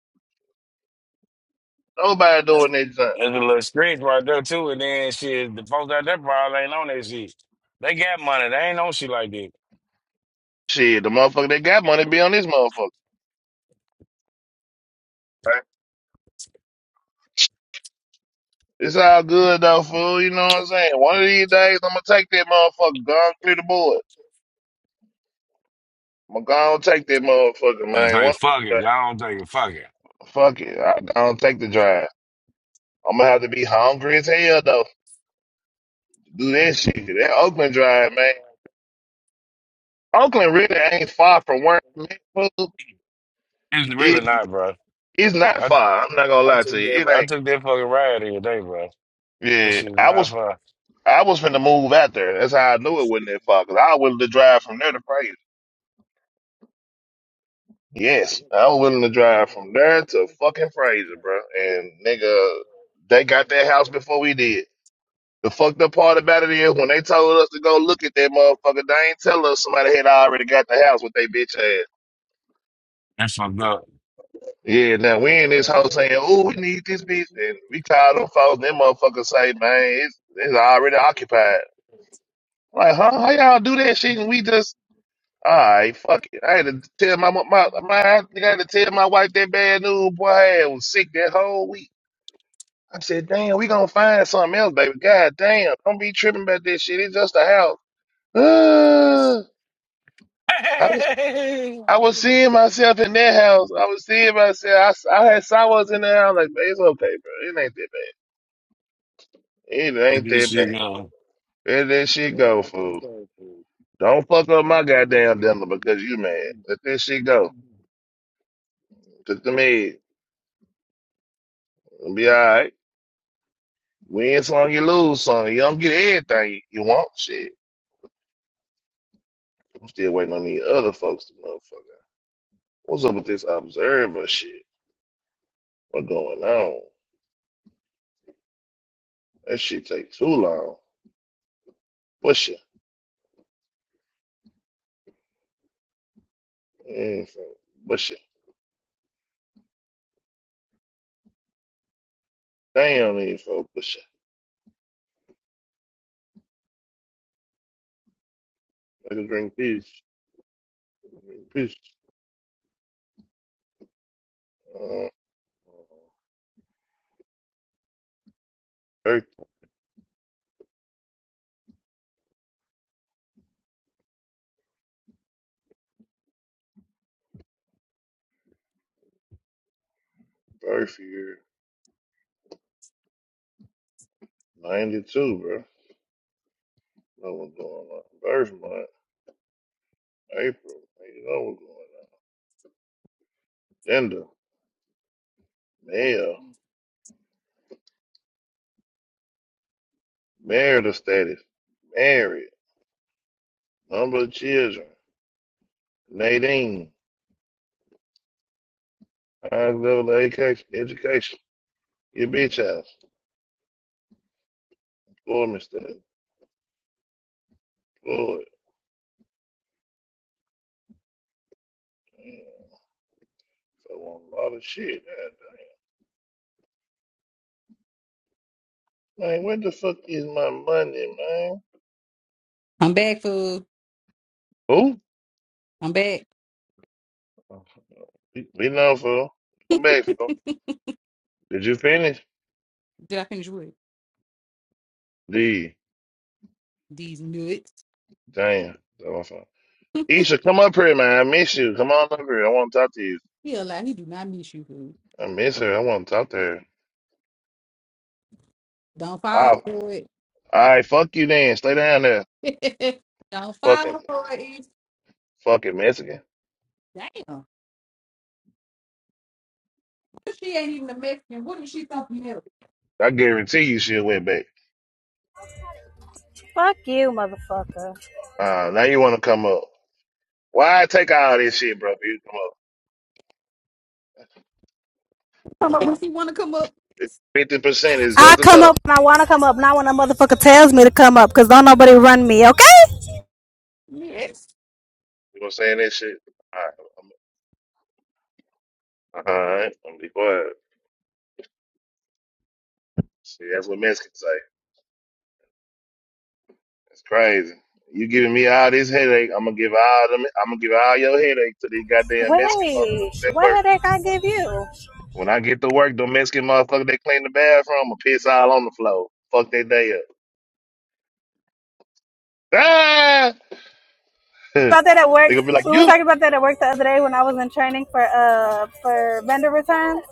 Speaker 3: Nobody doing that junk.
Speaker 2: There's a little screech right there too, and then shit, the folks out there probably ain't on that shit. They got money, they ain't on shit like that.
Speaker 3: Shit, the motherfucker that got money be on this motherfucker. Right? It's all good though, fool. You know what I'm saying? One of these days I'm gonna take that motherfucker, go and clear the board. I'm gonna go and take that motherfucker,
Speaker 2: And it's
Speaker 3: man.
Speaker 2: like
Speaker 3: One of
Speaker 2: fuck
Speaker 3: these
Speaker 2: it,
Speaker 3: days.
Speaker 2: I don't take it, fuck it.
Speaker 3: Fuck it. I, I don't take the drive. I'm gonna have to be hungry as hell though. to Do that shit. That Oakland drive, man. Oakland really ain't far from where I'm at, fool.
Speaker 2: It's really
Speaker 3: It
Speaker 2: not, bro.
Speaker 3: it's not
Speaker 2: I
Speaker 3: far. I'm not gonna
Speaker 2: I
Speaker 3: lie to
Speaker 2: took
Speaker 3: you.
Speaker 2: that
Speaker 3: It
Speaker 2: I
Speaker 3: ain't.
Speaker 2: took that fucking ride here today, bro. This
Speaker 3: Yeah,
Speaker 2: shit is
Speaker 3: I
Speaker 2: not
Speaker 3: was
Speaker 2: fun.
Speaker 3: I was finna move out there. That's how I knew it wasn't that far. Cause I was willing to drive from there to Fraser. Yes, I was willing to drive from there to fucking Fraser, bro. And nigga, they got that house before we did. The fucked up part about it is when they told us to go look at that motherfucker, they ain't tell us somebody had already got the house with they bitch ass.
Speaker 2: That's fucked up.
Speaker 3: Yeah, now we in this house saying, "Oh, we need this bitch," and we call them folks. And them motherfuckers say, "Man, it's it's already occupied." Like, huh? How y'all do that shit? And we just, all right, fuck it. I had to tell my mo- my my I think I had to tell my wife that bad news. Boy, I was sick that whole week. I said, "Damn, we gonna find something else, baby. God damn, don't be tripping about this shit. It's just a house." Uh, I was I was seeing myself in that house. I was seeing myself. I, s- I had saw what's in there. I was like, man, it's okay, bro. It ain't that bad. It ain't
Speaker 2: This
Speaker 3: that bad.
Speaker 2: shit gone.
Speaker 3: Let that shit go, fool. Don't fuck up my goddamn dinner because you mad. Let that shit go. Cause to me, it'll be all right. Win some, you lose some. You don't get everything you you want. Shit. I'm still waiting on these other folks to motherfucker. What's up with this observer shit? What going on? That shit take too long. Bush it. Mm, so- Bush it. Damn, these folks. Bush it. Let us drink peace. Drink peace. Uh, birth, birth year 92, bro. know what's going on. First month, April, you know what's going on. Gender, male, marital status, married, number of children, Nadine, highest level of education, education, your bitch house, employment status, employed. mm, So on a lot of shit. Man, Man, where the fuck is my money, man?
Speaker 4: I'm back, fool.
Speaker 3: Who?
Speaker 4: I'm back.
Speaker 3: Be we know, fool. Come back, fool. Did you finish?
Speaker 4: Did I finish with
Speaker 3: D.
Speaker 4: these nuts?
Speaker 3: Damn. That was fun. Isha, come up here, man. I miss you. Come on up here. I want to talk to you.
Speaker 4: He a lie. He do not miss you, fool.
Speaker 3: I miss her. I want to talk to her.
Speaker 4: Don't fall
Speaker 3: all
Speaker 4: for it.
Speaker 3: right, fuck you then. Stay down there.
Speaker 4: Don't
Speaker 3: Fucking,
Speaker 4: fall for it.
Speaker 3: fucking Mexican.
Speaker 4: Damn. She ain't even a Mexican. What What is she think something know?
Speaker 3: I guarantee you she'll win back.
Speaker 5: Fuck you, motherfucker.
Speaker 3: Uh, now you want to come up. Why take all this shit, bro? for You to come up.
Speaker 4: Come up when she want to come up.
Speaker 3: 50% is
Speaker 5: I
Speaker 3: just
Speaker 5: come
Speaker 3: enough.
Speaker 5: up when I want to come up, not when a motherfucker tells me to come up, because don't nobody run me, okay?
Speaker 4: Yes.
Speaker 3: You know what I'm saying? That shit. All right. I'm, uh-huh, all right. I'm gonna be quiet. See, that's what Mexicans say. It's crazy. You giving me all this headache. I'm gonna give all them. I'm gonna give all your headache to these goddamn Mexican
Speaker 5: Wait,
Speaker 3: motherfuckers at
Speaker 5: what
Speaker 3: work.
Speaker 5: headache I give you?
Speaker 3: When I get to work, the Mexican motherfucker they clean the bathroom, i piss all on the floor. Fuck that day up. Ah! they
Speaker 5: About that at work,
Speaker 3: gonna be like,
Speaker 5: we were
Speaker 3: you?
Speaker 5: talking about that at work the other day when I was in training for uh for vendor returns.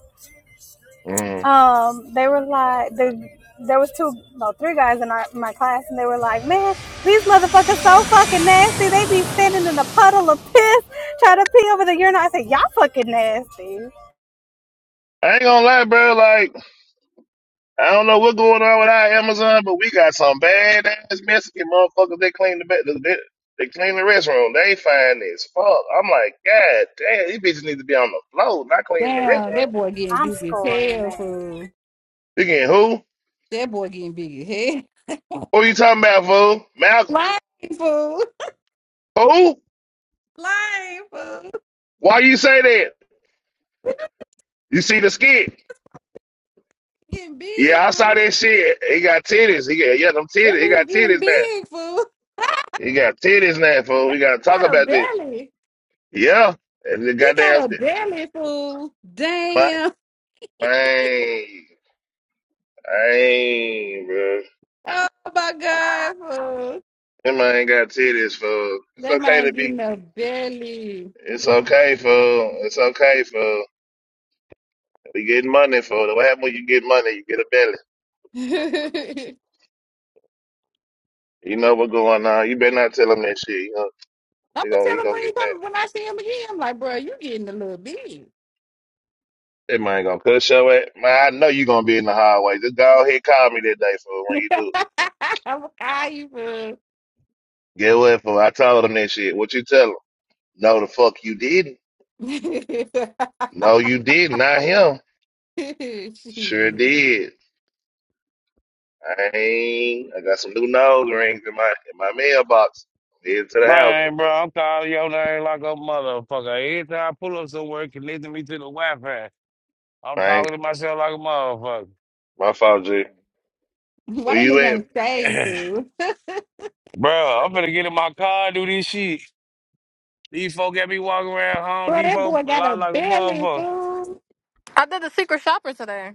Speaker 3: Mm.
Speaker 5: Um, they were like the there was two no three guys in our, my class and they were like, man, these motherfuckers so fucking nasty. They be standing in a puddle of piss trying to pee over the urinal. I said, y'all fucking nasty.
Speaker 3: I ain't gonna lie, bro. Like, I don't know what's going on with our Amazon, but we got some bad ass Mexican motherfuckers. They clean the ba- they, they clean the restroom. They fine as fuck. I'm like, God damn, these bitches need to be on the floor, not cleaning the
Speaker 4: Damn, that
Speaker 3: restroom.
Speaker 4: boy getting
Speaker 5: I'm
Speaker 4: big as hell,
Speaker 5: screaming.
Speaker 4: fool.
Speaker 3: You getting who?
Speaker 4: That boy getting big as hell.
Speaker 3: Who you talking about, fool? Malcolm?
Speaker 4: Lying, fool.
Speaker 3: Who?
Speaker 4: Lying, fool.
Speaker 3: Why you say that? You see the skit?
Speaker 4: Getting big,
Speaker 3: Yeah, I saw
Speaker 4: fool.
Speaker 3: that shit. He got titties. He got yeah, them
Speaker 4: That
Speaker 3: titties. He
Speaker 4: nigga
Speaker 3: got
Speaker 4: getting
Speaker 3: titties now.
Speaker 4: big, fool.
Speaker 3: He got titties now, fool. We gotta
Speaker 4: I
Speaker 3: talk
Speaker 4: got a
Speaker 3: about this.
Speaker 4: belly.
Speaker 3: Yeah, and the
Speaker 4: He got
Speaker 3: goddamn
Speaker 4: a belly fool.
Speaker 3: my
Speaker 4: Damn.
Speaker 3: man, man, bro.
Speaker 4: Oh my God, fool.
Speaker 3: Them man got titties, fool. It's
Speaker 4: That
Speaker 3: okay
Speaker 4: man
Speaker 3: to be.
Speaker 4: getting a belly.
Speaker 3: It's okay, fool. It's okay, fool. We getting money, fool. What happen when you get money? You get a belly.
Speaker 4: I'm
Speaker 3: You know what's going on. You better not tell them that shit. You know, they
Speaker 4: gonna
Speaker 3: gonna,
Speaker 4: tell
Speaker 3: he
Speaker 4: him
Speaker 3: gonna
Speaker 4: when he
Speaker 3: get mad.
Speaker 4: come when I see him again. I'm like, bro, you getting a little big.
Speaker 3: That man gonna cut your ass. Man, I know you gonna be in the hallway. Just go ahead, call me that day fool. when you do. it.
Speaker 4: I'm gonna call you, fool.
Speaker 3: Get what fool. I told him that shit. What you tell him? No, the fuck you didn't. No, you did. Not him. Sure
Speaker 4: Shit.
Speaker 3: did. I ain't. I got some new nose rings in my in my mailbox. Head to the house.
Speaker 2: Man, bro, I'm calling your name like a motherfucker. Every time I pull up somewhere connecting me to the Wi-Fi, I'm
Speaker 3: I
Speaker 2: talking
Speaker 3: ain't
Speaker 2: to myself like a motherfucker.
Speaker 3: my fault, G. Where
Speaker 4: Why that
Speaker 3: you
Speaker 4: nigga
Speaker 3: at?
Speaker 4: ain't say, fool?
Speaker 2: bro, I'm finna get in my car and do this shit. These folk got me walking around Home
Speaker 4: Bro, that
Speaker 2: Depot
Speaker 4: boy
Speaker 2: a
Speaker 4: got a
Speaker 2: lot like a
Speaker 4: belly,
Speaker 2: motherfucker.
Speaker 4: fool.
Speaker 6: I did the secret shopper today.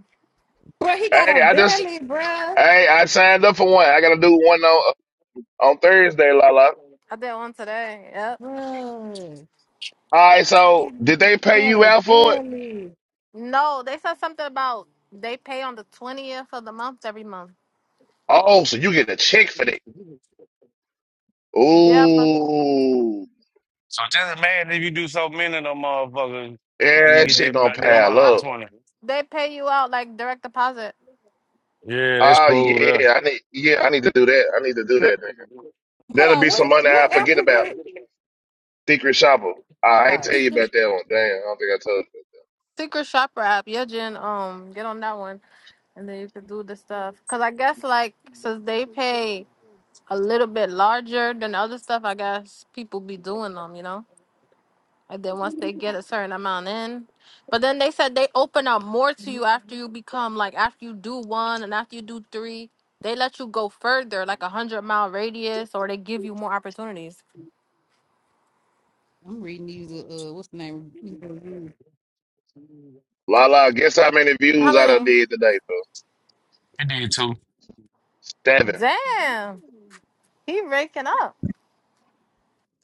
Speaker 4: Bro, he got a
Speaker 3: Hey, I just
Speaker 4: belly, bro.
Speaker 3: hey, I signed up for one. I gotta do one on on Thursday, lala.
Speaker 6: I did one today. Yep.
Speaker 4: Bro,
Speaker 3: All right,
Speaker 4: that
Speaker 3: so did
Speaker 4: nigga
Speaker 3: they pay
Speaker 4: got
Speaker 3: you
Speaker 4: a
Speaker 3: out for it?
Speaker 4: belly.
Speaker 6: No, they said something about they pay on the twentieth of the month every month.
Speaker 3: Oh, so you get a check for that.
Speaker 6: Yeah, but
Speaker 3: Ooh,
Speaker 2: So just imagine if you do so many of them motherfuckers and
Speaker 3: yeah,
Speaker 2: you
Speaker 3: that
Speaker 2: get
Speaker 3: shit
Speaker 2: that
Speaker 3: gonna
Speaker 2: mo- that
Speaker 6: they
Speaker 3: pile
Speaker 2: money on
Speaker 6: I,
Speaker 2: the
Speaker 3: up.
Speaker 2: 20.
Speaker 6: they pay you out like direct deposit.
Speaker 2: Yeah, that's
Speaker 3: Oh
Speaker 2: cool, though.
Speaker 3: yeah, I need yeah, I need to do that. I need to do that. Damn.
Speaker 4: Hold
Speaker 3: That'll
Speaker 4: on,
Speaker 3: be some
Speaker 4: what
Speaker 3: money I
Speaker 4: what app
Speaker 3: forget
Speaker 4: was
Speaker 3: about.
Speaker 4: it?
Speaker 3: Secret shopper. I
Speaker 4: All
Speaker 3: ain't
Speaker 4: right,
Speaker 3: tell you
Speaker 6: Secret
Speaker 3: about that one. Damn, I don't think I told you.
Speaker 6: secret shopper app. Yeah, Jen. Um, get on that one, and then you can do the stuff. Cause I guess like since they pay a little bit larger than other stuff, I guess people be doing them. You know. And then once they get a certain amount in, but then they said they open up more to you after you become like after you do one and after you do three, they let you go further, like a hundred mile radius, or they give you more opportunities.
Speaker 4: I'm reading these. Uh, uh, what's the name? These reviews.
Speaker 3: La la, guess how many
Speaker 6: How
Speaker 3: views I done
Speaker 6: many?
Speaker 3: did today, bro?
Speaker 2: I did too.
Speaker 3: Seven.
Speaker 6: Damn, he raking up.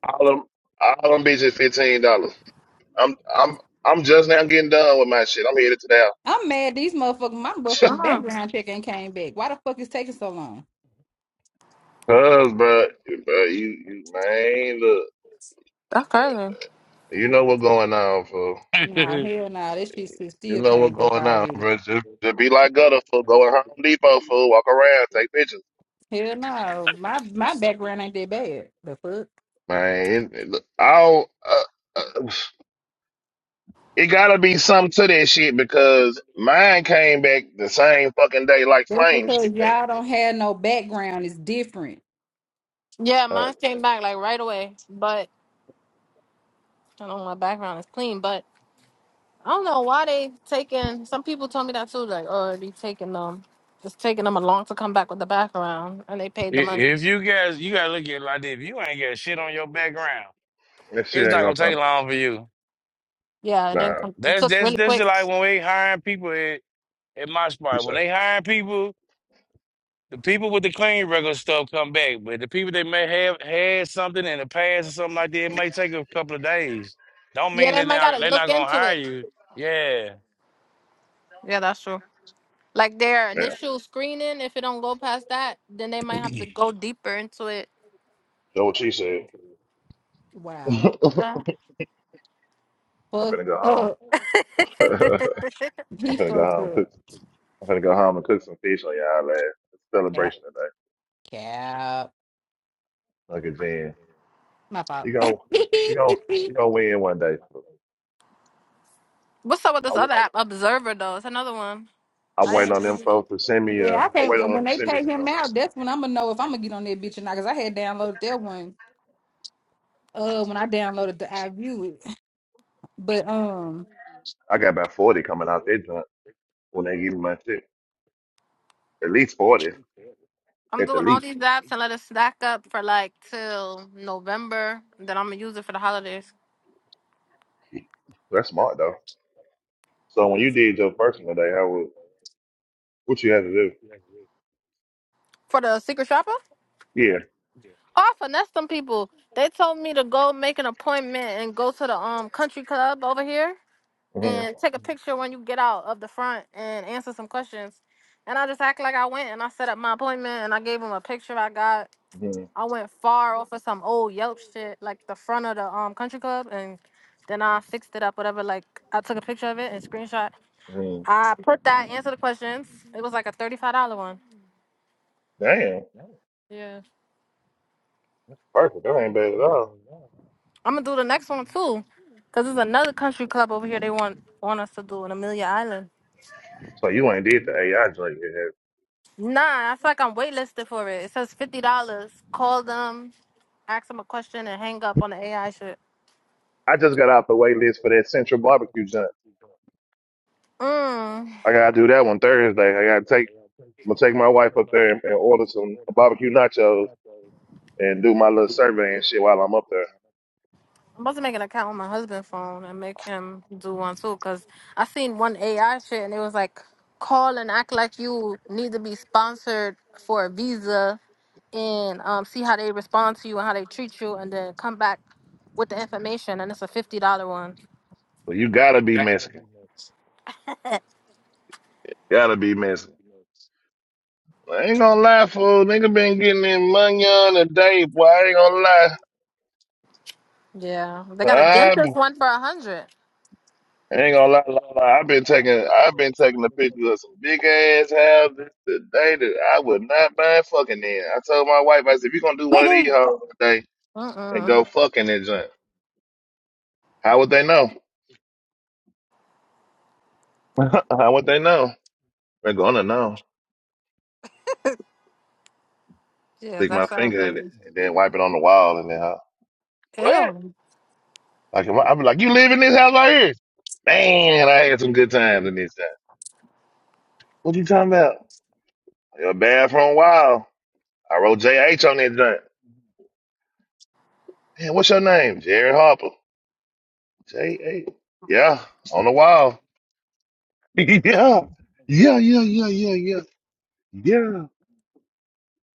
Speaker 3: All them, all them bitches fifteen dollars. I'm I'm I'm just now getting done with my shit. I'm headed to now.
Speaker 4: I'm mad. These motherfuckers, my motherfucking
Speaker 6: Mm,
Speaker 4: background check ain't came back. Why the fuck is taking so long?
Speaker 3: Cause, bro, bro, you you man, look,
Speaker 6: that's crazy.
Speaker 3: you know what's going on, fool.
Speaker 4: Nah, hell nah. This shit still
Speaker 3: You
Speaker 4: still
Speaker 3: know
Speaker 4: came
Speaker 3: what's
Speaker 4: back
Speaker 3: going on,
Speaker 4: already.
Speaker 3: bro. Just, just be like gutter food. Go to Home Depot fool, Walk around, take pictures.
Speaker 4: Hell no, my my background ain't that bad. The fuck?
Speaker 3: Man, it, it, I don't- uh, uh, it gotta be something to that shit because mine came back the same fucking day like
Speaker 4: That's
Speaker 3: flame
Speaker 4: because
Speaker 3: shit. came.
Speaker 4: y'all don't have no background. It's different.
Speaker 6: Yeah,
Speaker 3: Uh,
Speaker 6: mine came back like right away, but I don't know my background is clean, but I don't know why they taking. Some people told me that too, like oh, they taking them. It's taking them a long to come back with the background, and they paid the money.
Speaker 2: If you guys, you gotta look at it like this. If you ain't got shit on your background,
Speaker 3: that
Speaker 2: it's
Speaker 3: shit ain't
Speaker 2: not
Speaker 3: gonna
Speaker 2: gonna
Speaker 3: come.
Speaker 2: take long for you.
Speaker 6: Yeah, it didn't
Speaker 3: Nah,
Speaker 6: come. It
Speaker 2: That's
Speaker 6: took
Speaker 2: that's
Speaker 6: really
Speaker 2: that's
Speaker 6: quick.
Speaker 2: just like when we hiring people at, at my
Speaker 3: she
Speaker 2: spot. When
Speaker 3: said.
Speaker 2: they hiring people, the people with the clean record stuff come back, but the people that may have had something in the past or something like that, it may take a couple of days. Don't
Speaker 6: Yeah,
Speaker 2: mean
Speaker 6: they
Speaker 2: that they're
Speaker 6: might gotta
Speaker 2: not, they're not
Speaker 6: look
Speaker 2: gonna
Speaker 6: into
Speaker 2: hire
Speaker 6: it.
Speaker 2: you. Yeah.
Speaker 6: Yeah, that's true. Like their
Speaker 3: Yeah,
Speaker 6: initial screening, if it don't go past that, then they might have to go deeper into it.
Speaker 3: that's what she said. I'm
Speaker 4: Wow.
Speaker 6: Ah.
Speaker 4: Fuck
Speaker 3: finna go home.
Speaker 4: up.
Speaker 3: I'm
Speaker 4: He
Speaker 3: finna go
Speaker 4: fucked
Speaker 3: home.
Speaker 4: up.
Speaker 3: Cook. I'm finna go home and cook some fish on y'all last. It's a
Speaker 4: Cap.
Speaker 3: celebration today.
Speaker 4: Cap.
Speaker 3: Look at Jen.
Speaker 4: My fault.
Speaker 3: You gon' you gon' you gonna win one day.
Speaker 6: What's up with this
Speaker 3: I
Speaker 6: other app, Observer? Though it's another one.
Speaker 3: I
Speaker 6: I
Speaker 3: wait
Speaker 6: ain't.
Speaker 3: on them
Speaker 6: Really,
Speaker 3: folks to send me a.
Speaker 4: Yeah,
Speaker 3: I
Speaker 4: I
Speaker 3: wait
Speaker 4: can't.
Speaker 3: on
Speaker 4: When
Speaker 3: them to
Speaker 4: they
Speaker 3: send me
Speaker 4: pay him
Speaker 3: some.
Speaker 4: out, that's when I'm gonna know if I'm gonna get on that bitch or not. Cause I had downloaded that one. Uh, when I downloaded the I view it, but um,
Speaker 3: I got about forty coming out their joint when they give me my shit. At least forty,
Speaker 6: I'm
Speaker 3: at the
Speaker 6: doing all
Speaker 3: least.
Speaker 6: these apps and let it stack up for like till November. Then I'm gonna use it for the holidays.
Speaker 3: That's smart though. So when you did your personal day, how was what you had to do?
Speaker 6: For the secret shopper?
Speaker 3: Yeah.
Speaker 6: Oh, I finessed some people. They told me to go make an appointment and go to the um country club over here. and
Speaker 3: Mm-hmm.
Speaker 6: take a picture when you get out of the front and answer some questions. And I just act like I went and I set up my appointment and I gave him a picture I got.
Speaker 3: Mm-hmm.
Speaker 6: I went far off of some old Yelp shit, like the front of the um country club, and then I fixed it up, whatever. Like I took a picture of it and screenshot.
Speaker 3: hmm
Speaker 6: I put that answer the questions. It was like a thirty-five dollar one.
Speaker 3: Damn,
Speaker 6: Yeah,
Speaker 3: perfect. That ain't bad at all.
Speaker 6: I'm gonna do the next one too, cause there's another country club over here. They want want us to do in Amelia Island.
Speaker 3: So you ain't did the AI joint yet. have you?
Speaker 6: Nah, I feel like I'm waitlisted for it. It says fifty dollars. Call them, ask them a question, and hang up on the AI shit.
Speaker 3: I just got off the
Speaker 2: We
Speaker 3: wait
Speaker 2: got out
Speaker 3: list
Speaker 2: the
Speaker 3: for that
Speaker 2: races for
Speaker 3: Central
Speaker 2: the
Speaker 3: Barbecue
Speaker 2: Central
Speaker 3: joint.
Speaker 2: Barbecue Joint.
Speaker 6: Mm.
Speaker 3: I
Speaker 6: I'm
Speaker 3: gotta do that one
Speaker 2: I do that on
Speaker 3: Thursday. I gotta
Speaker 2: Thursday.
Speaker 3: take.
Speaker 2: I take
Speaker 3: I'm gonna take my wife up
Speaker 2: my
Speaker 3: there
Speaker 2: wife
Speaker 3: and, and
Speaker 2: up
Speaker 3: order
Speaker 2: there for
Speaker 3: some
Speaker 2: Edison,
Speaker 3: barbecue nachos
Speaker 2: Saturday,
Speaker 3: and do my
Speaker 2: and
Speaker 3: little survey and
Speaker 2: the
Speaker 3: shit while
Speaker 2: program.
Speaker 3: I'm up there.
Speaker 6: about to make an account on my husband's phone and make him do one too, cause I seen one AI shit and it was like, call and act like you need to be sponsored for a visa, and um, see how they respond to you and how they treat you, and then come back with the information. And it's a fifty dollar one.
Speaker 3: Well, you gotta
Speaker 2: You
Speaker 3: be
Speaker 2: gotta be
Speaker 3: Mexican.
Speaker 2: next.
Speaker 3: Gotta be Mexican. I ain't gonna lie, fool. Nigga been getting in money on a day, boy. I ain't gonna lie.
Speaker 6: Yeah, they got a
Speaker 3: I,
Speaker 6: dentist
Speaker 3: b-
Speaker 6: one for a hundred.
Speaker 3: I ain't gonna lie,
Speaker 2: Anyway,
Speaker 3: lie, lie. I've been taking, I've been taking a picture of some big ass houses today that I would not mind fucking in. I told my wife, I said, if you gonna do one of these hoes today
Speaker 6: Mm
Speaker 3: and
Speaker 6: mm.
Speaker 3: go fucking in junk, how would they know? how would they know? They're gonna know.
Speaker 6: Yeah,
Speaker 3: Stick
Speaker 6: that
Speaker 3: my
Speaker 6: sounds
Speaker 3: finger in it
Speaker 6: crazy.
Speaker 3: and then wipe it on the wall and then.
Speaker 2: What?
Speaker 6: Ew.
Speaker 3: Like if I, I'm like, you live in this house right here? Man, I had some good times in this time. What you talking about? Your bathroom wow. I wrote JH on that joint. Man, what's your name? Jared Harper. JH. Yeah, on the wall. yeah. Yeah, yeah, yeah, yeah, yeah. Yeah.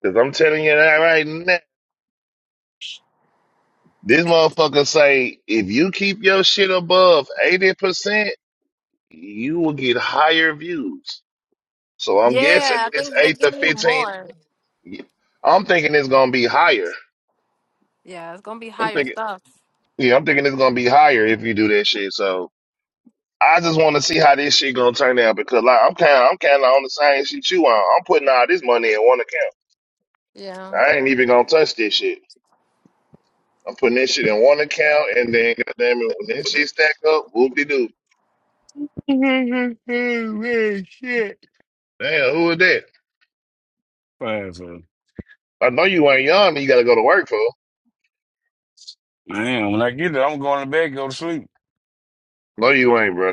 Speaker 3: Cause I'm telling you that right now. This motherfucker say if you keep your shit above 80%, you will get higher views. So I'm guessing
Speaker 6: Yeah, I
Speaker 3: it's
Speaker 6: think they're
Speaker 3: 8 to
Speaker 6: giving you
Speaker 3: 15
Speaker 6: more.
Speaker 3: Yeah. I'm thinking it's gonna be higher.
Speaker 6: Yeah, it's gonna be
Speaker 3: I'm
Speaker 6: higher
Speaker 3: thinking,
Speaker 6: stuff.
Speaker 3: yeah, I'm thinking it's gonna be higher if you do that shit. So I just want to see how this shit gonna turn out because like I'm kind, I'm kind of on the same shit you on. I'm putting all this money in one account.
Speaker 6: Yeah.
Speaker 3: I ain't even gonna touch this shit. I'm putting this shit in one account, and then goddamn it, when this shit stack up, whoop de doo.
Speaker 2: Man, shit.
Speaker 3: Damn, who is that?
Speaker 2: Whatever.
Speaker 3: I know you ain't young. and You gotta go to work for.
Speaker 2: Man, when I get there, I'm going to bed, go to sleep.
Speaker 3: No, you ain't, bro.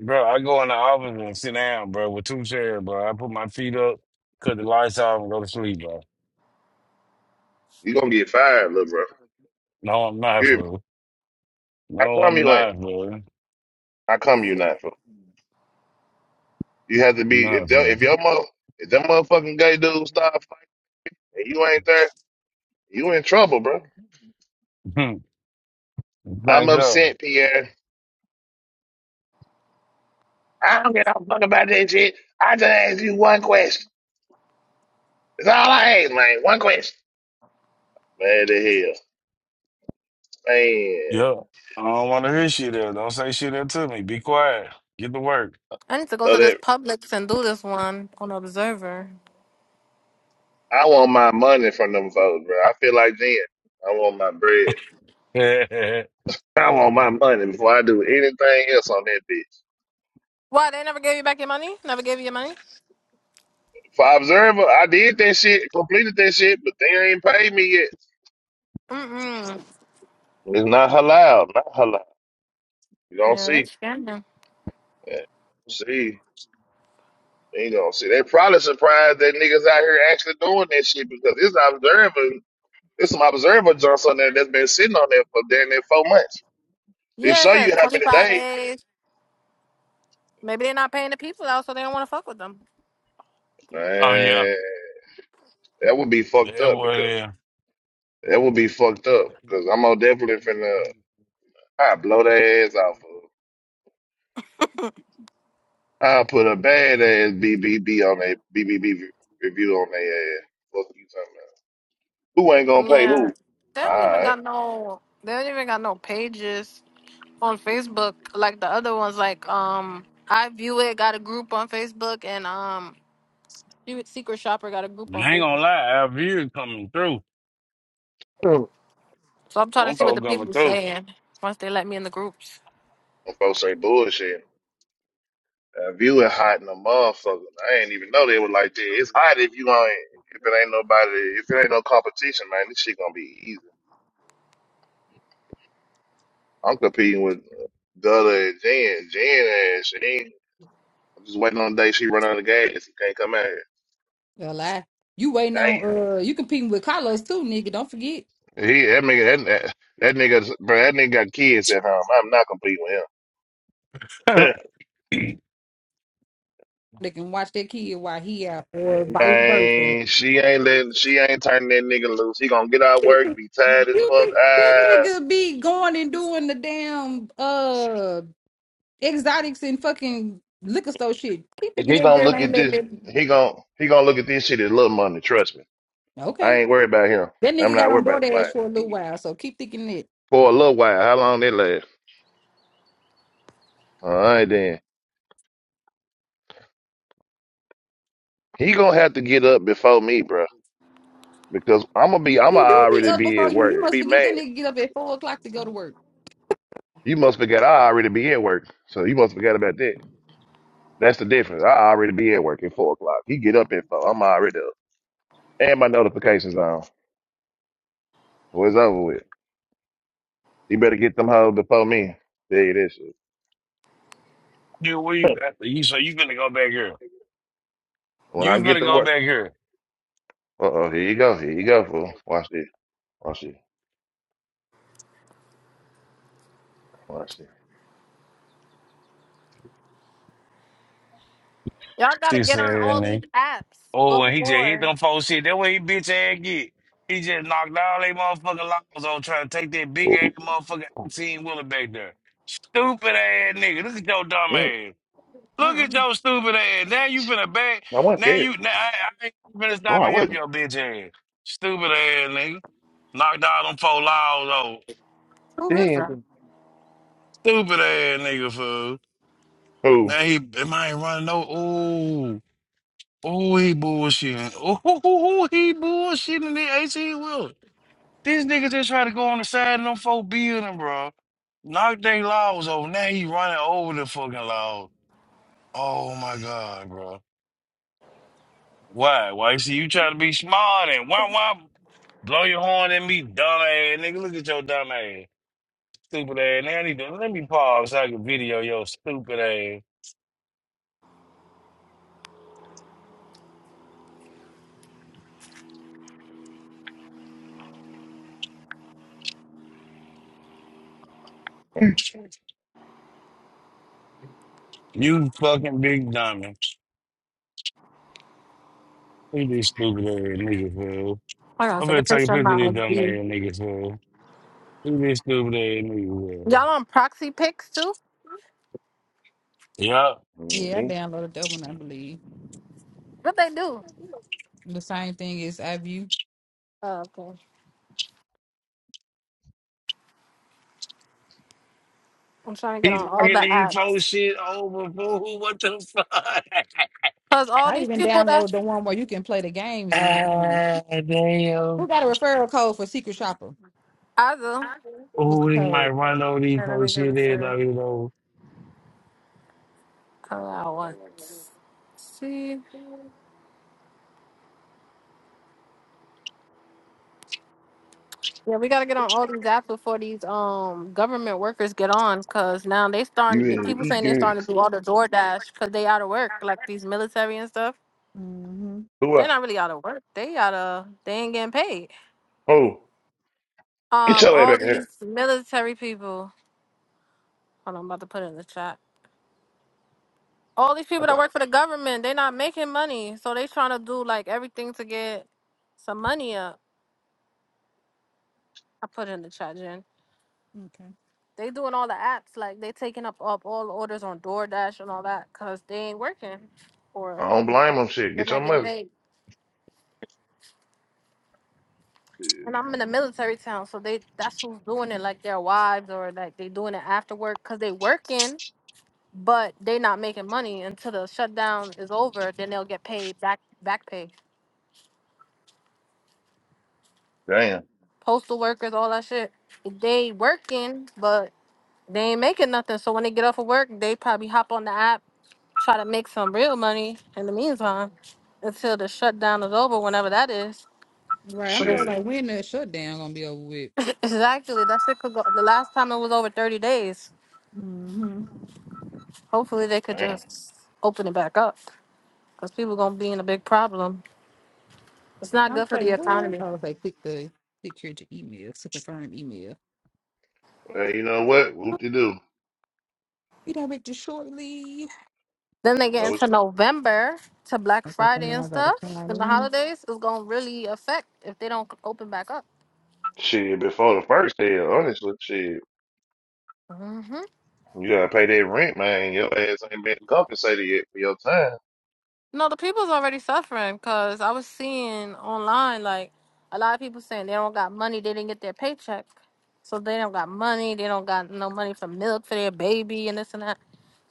Speaker 2: Bro, I go in the office and sit down, bro, with two chairs, bro. I put my feet up, cut the lights off, and go to sleep, bro.
Speaker 3: You gonna get fired, little bro.
Speaker 2: No, I'm not,
Speaker 3: You, hear me?
Speaker 2: fool.
Speaker 3: I
Speaker 2: No,
Speaker 3: come
Speaker 2: I'm
Speaker 3: you ain't.
Speaker 2: not, bro. I'm
Speaker 3: I come you not. You have to be
Speaker 2: not,
Speaker 3: if that
Speaker 2: bro.
Speaker 3: if your mother if that motherfucking gay dude start fighting and you ain't there, you in trouble, bro. I'm
Speaker 2: Thanks, up.
Speaker 3: upset, Pierre. I don't give a fuck about that shit. I just asked you one question. That's all I asked, man. One question. Man, the hell, man.
Speaker 2: Yeah. I don't want to hear shit there. Don't say shit there to me. Be quiet. Get to work.
Speaker 6: I need to go
Speaker 3: So
Speaker 6: to this
Speaker 3: that
Speaker 6: Publix and do this one on Observer.
Speaker 3: I want my money from them folks, bro. I feel like then I want my bread.
Speaker 2: oh,
Speaker 3: I want my money before I do anything else on that bitch.
Speaker 6: Why they never gave you back your money? Never gave you your money?
Speaker 3: For Observer, I did that shit, completed that shit, but they ain't paid me yet.
Speaker 6: Mm-mm.
Speaker 3: It's not halal, not halal. You don't
Speaker 6: Yeah, they
Speaker 3: see.
Speaker 6: scamming.
Speaker 3: that. See, you don't see. They probably surprised that niggas out here actually doing that shit because it's observing. It's some observer jumps on there that's been sitting on there for damn near four months. It
Speaker 6: Yeah, it
Speaker 3: show you
Speaker 6: says
Speaker 3: how
Speaker 6: twenty
Speaker 3: many
Speaker 6: five
Speaker 3: days.
Speaker 6: days. Maybe they're not paying the people out, so they don't want to fuck with them.
Speaker 2: yeah.
Speaker 3: Man, that would be fucked
Speaker 2: That
Speaker 3: up
Speaker 2: was
Speaker 3: because
Speaker 2: it.
Speaker 3: that would be fucked up because I'm gonna definitely finna I blow their ass off. Of. I put a bad ass BBB on their BBB review on their ass. Fuck you talking about? Who ain't gonna pay
Speaker 6: Yeah,
Speaker 3: who?
Speaker 6: they don't even
Speaker 3: All
Speaker 6: got no. They don't even got no pages on Facebook like the other ones. Like um, I view it got a group on Facebook and um She with Secret Shopper got a group on
Speaker 2: I ain't
Speaker 6: Facebook.
Speaker 2: gonna lie. Our viewers coming through.
Speaker 3: right.
Speaker 6: So I'm trying to
Speaker 2: Don't
Speaker 6: see what the
Speaker 2: folk coming
Speaker 6: people
Speaker 2: through.
Speaker 6: saying once they let me in the groups.
Speaker 3: When folks say bullshit, that view is hot in the motherfucker. I ain't even know they was like that. It's hot if you ain't, if it ain't nobody, if it ain't no competition, man. This shit gonna be easy. I'm competing with uh, Dutta and Jen. Jen and she ain't. I'm just waiting on the day she run out of gas. She can't come out here.
Speaker 4: a lie. You waiting on
Speaker 3: Damn.
Speaker 4: uh, you competing with Carlos too, nigga. Don't forget
Speaker 3: He that nigga that that, that nigga bro, that nigga got kids at home. I'm not competing with him.
Speaker 4: they can watch that kid while he out, or vice versa.
Speaker 3: Man, she ain't letting, she ain't turning that nigga loose. He gonna get out of
Speaker 4: Keep
Speaker 3: work,
Speaker 4: it.
Speaker 3: be tired as
Speaker 4: You
Speaker 3: fuck.
Speaker 4: think that
Speaker 3: Ah.
Speaker 4: nigga be going and doing the damn uh exotics and fucking liquor store shit? Keep thinking
Speaker 3: He
Speaker 4: that
Speaker 3: gonna
Speaker 4: girl
Speaker 3: look
Speaker 4: ain't
Speaker 3: at
Speaker 4: letting
Speaker 3: this.
Speaker 4: that.
Speaker 3: He gonna he gonna look at this shit as little money. Trust me. I
Speaker 4: Okay,
Speaker 3: ain't worried about him.
Speaker 4: that
Speaker 3: I'm
Speaker 4: nigga got
Speaker 3: not
Speaker 4: on
Speaker 3: worried about like
Speaker 4: DoorDash for a little while, so keep thinking that.
Speaker 3: for a little while. How long they last? All right then. He gonna have to get up before me, bro. Because I'm gonna be I'm
Speaker 4: He
Speaker 3: gonna
Speaker 4: do be
Speaker 3: already
Speaker 4: up
Speaker 3: be
Speaker 4: before
Speaker 3: at
Speaker 4: you. You
Speaker 3: work.
Speaker 4: must
Speaker 3: Be
Speaker 4: forget
Speaker 3: mad.
Speaker 4: that nigga get up at four o'clock to go to work.
Speaker 3: You must forget I already be at work. So you must forget about that. That's the difference. I already be at work at four o'clock. He get up at four. I'm already up. And my notifications on. So it's over with. You better get them hoes before me. Tell you this shit.
Speaker 2: you we you so you finna go back here.
Speaker 3: When
Speaker 2: You
Speaker 3: I get
Speaker 2: finna
Speaker 3: to
Speaker 2: go
Speaker 3: work.
Speaker 2: back here.
Speaker 3: Uh-oh, here you go. Here you go, fool. Watch this. Watch this. Watch this.
Speaker 6: Y'all gotta
Speaker 2: She
Speaker 6: get on
Speaker 2: said,
Speaker 6: all these
Speaker 2: nigga.
Speaker 6: apps.
Speaker 2: Oh, and he just hit
Speaker 6: Before.
Speaker 2: them folks shit. That way he bitch ass get. He just knocked all they motherfucking locks on trying to take that big
Speaker 3: Ooh.
Speaker 2: ass motherfucking 18 wheeler back there. Stupid ass nigga. Look at your dumb
Speaker 3: Mm,
Speaker 2: ass. Look at
Speaker 6: Mm-mm.
Speaker 2: your stupid ass. Now you been a bad.
Speaker 3: I wasn't
Speaker 2: Now
Speaker 3: scared.
Speaker 2: you now I, I ain't finna
Speaker 3: No,
Speaker 2: stop
Speaker 3: I
Speaker 2: and help
Speaker 3: wasn't.
Speaker 2: your bitch ass. Stupid ass nigga. Knocked out them four laws old.
Speaker 3: What
Speaker 6: Who
Speaker 3: the
Speaker 6: is that?
Speaker 3: hell?
Speaker 2: Stupid ass nigga fool.
Speaker 3: Who?
Speaker 2: Now he am I ain't running no ooh. Ooh, he bullshitting. Ooh, ooh, ooh, he bullshitting the 18 wheeler. This nigga just tried to go on the side of them four building, bro. Knocked they laws over. Now he running over the fucking laws. Oh my god, bro. Why? Why you see you trying to be smart and wah wah blow your horn at me, dumb ass nigga. Look at your dumb ass, stupid ass nigga. I need to let me pause so I can video your stupid ass. You fucking big dummy. Look at this stupid ass nigga fool.
Speaker 6: Hold on a
Speaker 2: I'm gonna
Speaker 6: second.
Speaker 2: take a
Speaker 6: Picture of
Speaker 2: picture of
Speaker 6: my
Speaker 2: this dumb ass
Speaker 6: ID.
Speaker 2: nigga fool. Look at this stupid ass nigga fool.
Speaker 6: Y'all on proxy pics too?
Speaker 2: Yup.
Speaker 4: Yeah, I
Speaker 3: hmm
Speaker 4: downloaded that one, I believe.
Speaker 6: What they do?
Speaker 4: The same thing is iView.
Speaker 6: Oh, okay. I'm trying to get
Speaker 2: He's
Speaker 6: on all
Speaker 2: fucking
Speaker 6: the
Speaker 2: these folks
Speaker 6: apps.
Speaker 2: shit over fool. What the fuck?
Speaker 6: Cause all
Speaker 4: I
Speaker 6: these
Speaker 4: even
Speaker 6: people that's
Speaker 4: downloaded the one where you can play the games and get money.
Speaker 2: Ah,
Speaker 4: Who
Speaker 2: damn.
Speaker 4: got a referral code for Secret Shopper?
Speaker 6: Azul.
Speaker 2: Oh,
Speaker 4: What's the
Speaker 2: we might
Speaker 4: code?
Speaker 2: run over these
Speaker 6: Here, let me
Speaker 2: folks
Speaker 6: get
Speaker 2: shit
Speaker 6: a
Speaker 2: there,
Speaker 6: through.
Speaker 2: though, you know.
Speaker 6: Allow once. See? Yeah, we gotta get on all these apps before these um government workers get on, cause now they
Speaker 3: You
Speaker 6: starting. the
Speaker 3: ready to
Speaker 6: People
Speaker 3: eat,
Speaker 6: saying they
Speaker 3: girl?
Speaker 6: starting to do all the DoorDash, cause they out of work. Like these military and stuff,
Speaker 4: Mm-hmm.
Speaker 3: Who? I,
Speaker 6: they're not really out of work. They out of they ain't getting paid.
Speaker 3: who? Get
Speaker 6: Um,
Speaker 3: your ass
Speaker 6: all
Speaker 3: back here.
Speaker 6: these military people. Hold on, I'm about to put it in the chat. All these
Speaker 3: I,
Speaker 6: people that
Speaker 3: thought,
Speaker 6: work for the government, they not making money, so they trying to do like everything to get some money up. I put it in the chat, Jen.
Speaker 4: Okay.
Speaker 6: They doing all the apps like they taking up up all orders on DoorDash and all that because they ain't working or
Speaker 3: I don't blame him. Shit.
Speaker 6: they're
Speaker 3: Get your
Speaker 6: not getting
Speaker 3: mother.
Speaker 6: paid. And I'm in a military town, so they that's who's doing it, like their wives or like they doing it after work because they working, but they not making money until the shutdown is over. Then they'll get paid back back pay.
Speaker 3: Damn.
Speaker 6: Postal workers, all that shit. They working, but they ain't making nothing. So when they get off of work, they probably hop on the app try to make some real money in the meantime until the shutdown is over, whenever that is.
Speaker 4: Right.
Speaker 6: So
Speaker 4: I'm sure
Speaker 6: this
Speaker 3: Shit.
Speaker 4: like when the shutdown gonna be over with.
Speaker 6: exactly that shit could go. The last time it was over thirty days.
Speaker 4: Mm-hmm.
Speaker 6: Hopefully they could
Speaker 3: Damn.
Speaker 6: just open it back up because people gonna be in a big problem. It's not
Speaker 4: I'll
Speaker 6: good for
Speaker 4: say
Speaker 6: the
Speaker 4: what?
Speaker 6: economy.
Speaker 4: I'll say click the click here to email to confirm email.
Speaker 3: Well, you know what? Whoop de do.
Speaker 4: Be directed shortly.
Speaker 6: Then they
Speaker 3: You
Speaker 6: get
Speaker 3: know what?
Speaker 6: into November to Black
Speaker 4: Okay, so
Speaker 6: Friday
Speaker 4: now
Speaker 6: and
Speaker 4: I gotta
Speaker 6: stuff,
Speaker 4: sign
Speaker 6: and the
Speaker 4: in.
Speaker 6: holidays is gonna really affect if they don't open back up.
Speaker 3: Shit, before the first hell, honestly, shit,
Speaker 6: Mhm.
Speaker 3: you gotta pay that rent, man. Your ass ain't been compensated yet for your time.
Speaker 6: No, the people's already suffering because I was seeing online like a lot of people saying they don't got money, they didn't get their paycheck, so they don't got money, they don't got no money for milk for their baby and this and that.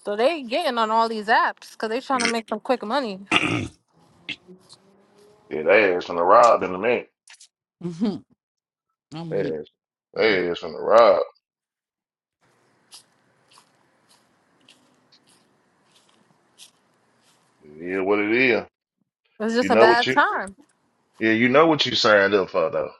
Speaker 6: So they getting on all these apps because they trying to make some quick money.
Speaker 3: Yeah, they ass from the rob in a minute.
Speaker 4: Mm-hmm. I'm
Speaker 3: They
Speaker 4: weak.
Speaker 3: ass, they ass from the rob. Yeah, what it is.
Speaker 6: It's just
Speaker 3: You
Speaker 6: a
Speaker 3: know what
Speaker 6: bad
Speaker 3: you
Speaker 6: time.
Speaker 3: yeah, you know what you signed up for though.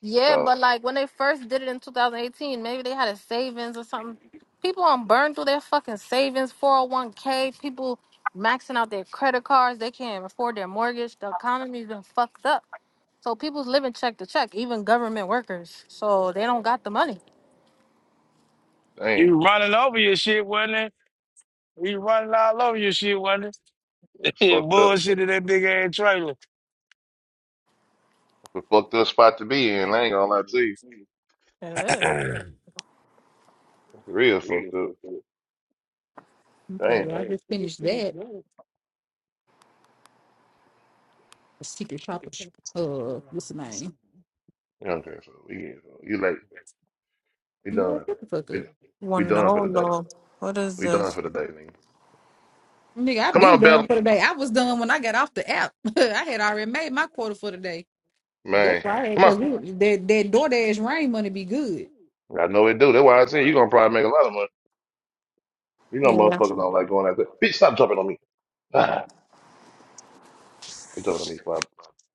Speaker 6: Yeah,
Speaker 3: So
Speaker 6: but like when they first did it in 2018, maybe they had a savings or something. People on burn through their fucking savings, 401k. People maxing out their credit cards. They can't afford their mortgage. The economy's been fucked up. So people's living check to check, even government workers. So they don't got the money.
Speaker 3: damn,
Speaker 2: You running over your shit, wasn't it? You running all over your shit, wasn't
Speaker 3: it's
Speaker 2: it?
Speaker 3: fucked up.
Speaker 2: Bullshit in that big ass trailer.
Speaker 3: It's a fucked up spot to be in. I ain't gonna lie to you.
Speaker 6: It is.
Speaker 3: For real fucked up.
Speaker 4: Okay,
Speaker 3: Damn.
Speaker 4: well, I just finished that secret shopper. sh- Uh, what's the name?
Speaker 3: Okay, so we yeah, so you late. We
Speaker 4: Boy,
Speaker 3: done.
Speaker 4: shut the fuck
Speaker 3: We
Speaker 4: up,
Speaker 6: Well,
Speaker 3: we done for
Speaker 6: no,
Speaker 3: the day.
Speaker 6: no. What is
Speaker 3: We done
Speaker 6: this?
Speaker 3: for the day, man.
Speaker 4: nigga. I've
Speaker 3: Come
Speaker 4: been
Speaker 3: on,
Speaker 4: done
Speaker 3: Bella.
Speaker 4: for the day. I was done when I got off the app. I had already made my quarter for the day. That's
Speaker 3: Man.
Speaker 4: why I had
Speaker 3: Come
Speaker 4: because
Speaker 3: on.
Speaker 4: that that DoorDash rain money be good.
Speaker 3: I know it do. That's why I said you gonna probably make a lot of money. You know
Speaker 6: Yeah.
Speaker 3: motherfuckers don't like going out there. Bitch, stop jumping on me. Ah, I'm jumping on me before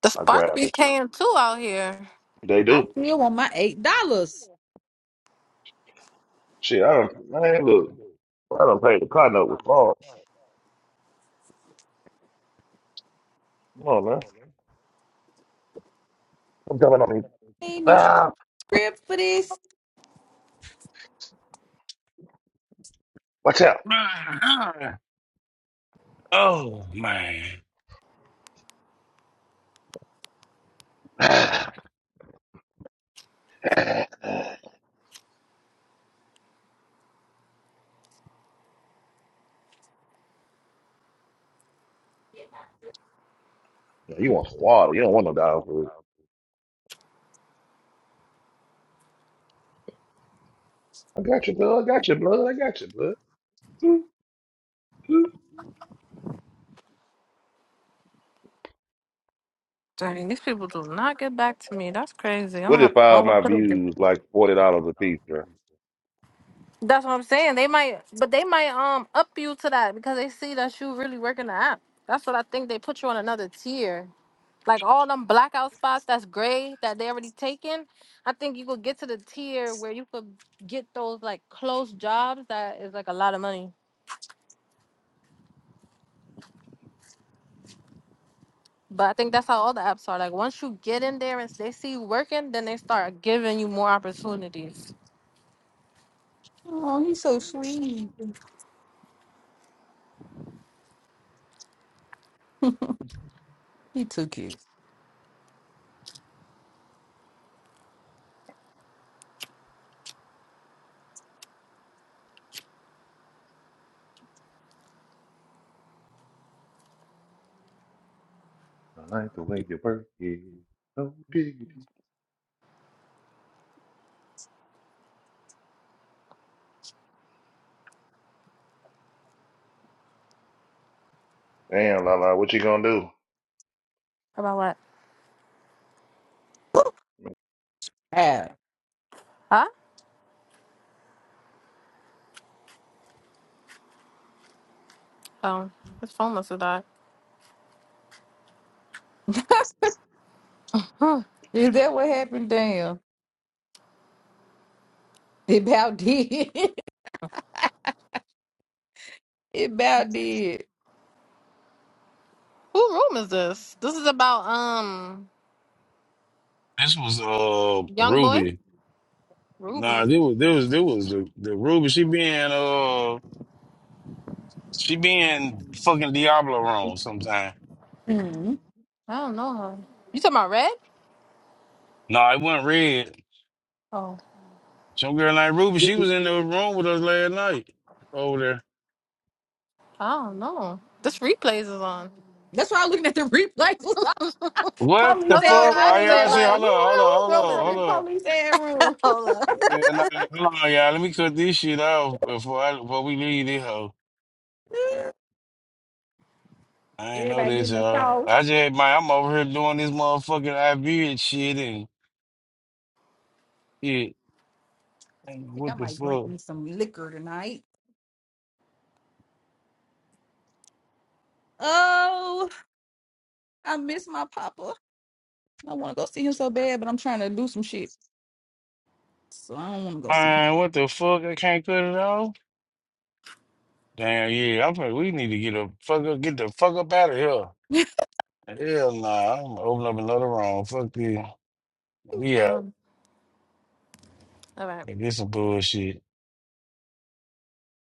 Speaker 6: The
Speaker 3: I, I
Speaker 6: spark
Speaker 3: grab
Speaker 6: be
Speaker 3: at you.
Speaker 6: paying too out here.
Speaker 3: They
Speaker 4: I
Speaker 3: do.
Speaker 4: still want my eight dollars.
Speaker 3: Shit, I don't man, look. I don't pay the car note with Paul. Come on, man. I'm jumping on you.
Speaker 4: Ain't no
Speaker 3: Ah,
Speaker 4: script for this.
Speaker 3: watch out.
Speaker 2: oh man,
Speaker 3: Ah, ah, ah. you want some water. You don't want no dog food. I got you, blood. I got you, blood. I got you, blood. Boop, boop.
Speaker 6: Dang, these people do not get back to me. That's crazy. I'm gonna
Speaker 3: What
Speaker 6: have
Speaker 3: if
Speaker 6: to
Speaker 3: all
Speaker 6: go
Speaker 3: my
Speaker 6: up to the
Speaker 3: views like $40 a piece, bro?
Speaker 6: That's what I'm saying. They might but they might um up you to that because they see that you really working the app. That's what I think. They put you on another tier. like all them blackout spots that's gray that they already taken, I think you could get to the tier where you could get those like close jobs that is like a lot of money. But I think that's how all the apps are. Like once you get in there and they see you working, then they start giving you more opportunities.
Speaker 4: Oh, he's so sweet. He took it.
Speaker 3: I like the way you work it. So diggity. Damn, Lala, what you gonna do?
Speaker 6: About what?
Speaker 4: Ah,
Speaker 6: Huh? Oh, his phone must have died. Huh.
Speaker 4: is that what happened? Damn, it about did. it about did.
Speaker 6: Who room is this? This is about um
Speaker 2: this was uh
Speaker 6: young boy
Speaker 2: Ruby. Nah,
Speaker 6: Ruby.
Speaker 2: this was this was this was the, the Ruby. She being uh she being fucking Diablo wrong sometimes.
Speaker 4: Mhm.
Speaker 6: I don't know her. You talking about Red?
Speaker 2: No, I wasn't red.
Speaker 6: Oh,
Speaker 2: Some girl named Ruby, she was in the room with us last night over there.
Speaker 6: I don't know. This replays is on.
Speaker 4: That's why I'm looking at the replays.
Speaker 2: What the
Speaker 4: Police
Speaker 6: That's what
Speaker 4: and
Speaker 2: fuck?
Speaker 6: I'm
Speaker 2: I
Speaker 4: rule.
Speaker 2: y'all
Speaker 6: asking.
Speaker 2: say,
Speaker 6: Like,
Speaker 2: hold
Speaker 6: who,
Speaker 2: up, hold up,
Speaker 6: who, who
Speaker 2: hold up,
Speaker 6: room is
Speaker 2: hold
Speaker 4: the
Speaker 6: it?
Speaker 2: up.
Speaker 4: police and rule.
Speaker 6: Hold up.
Speaker 2: And I, hold on, y'all. Let me cut this shit off before I, before we leave this hoe. I ain't know
Speaker 4: Everybody
Speaker 2: this,
Speaker 4: getting the
Speaker 2: y'all. I
Speaker 4: sauce.
Speaker 2: just, man, I'm over here doing this motherfucking Iberian shit and shit. Man,
Speaker 4: think I
Speaker 2: What the
Speaker 4: might drink
Speaker 2: fuck?
Speaker 4: me some liquor tonight. Oh, I miss my papa. I want to go see him so bad, but I'm trying to do some shit. So I don't want to go see him.
Speaker 2: Man, what the fuck? I can't cut it off. Damn, yeah. I'm probably, we need to get the fuck up, get the fuck up out of here. Hell nah, I'm gonna open up another room. Fuck this. We out.
Speaker 6: Um, all right.
Speaker 2: this is bullshit.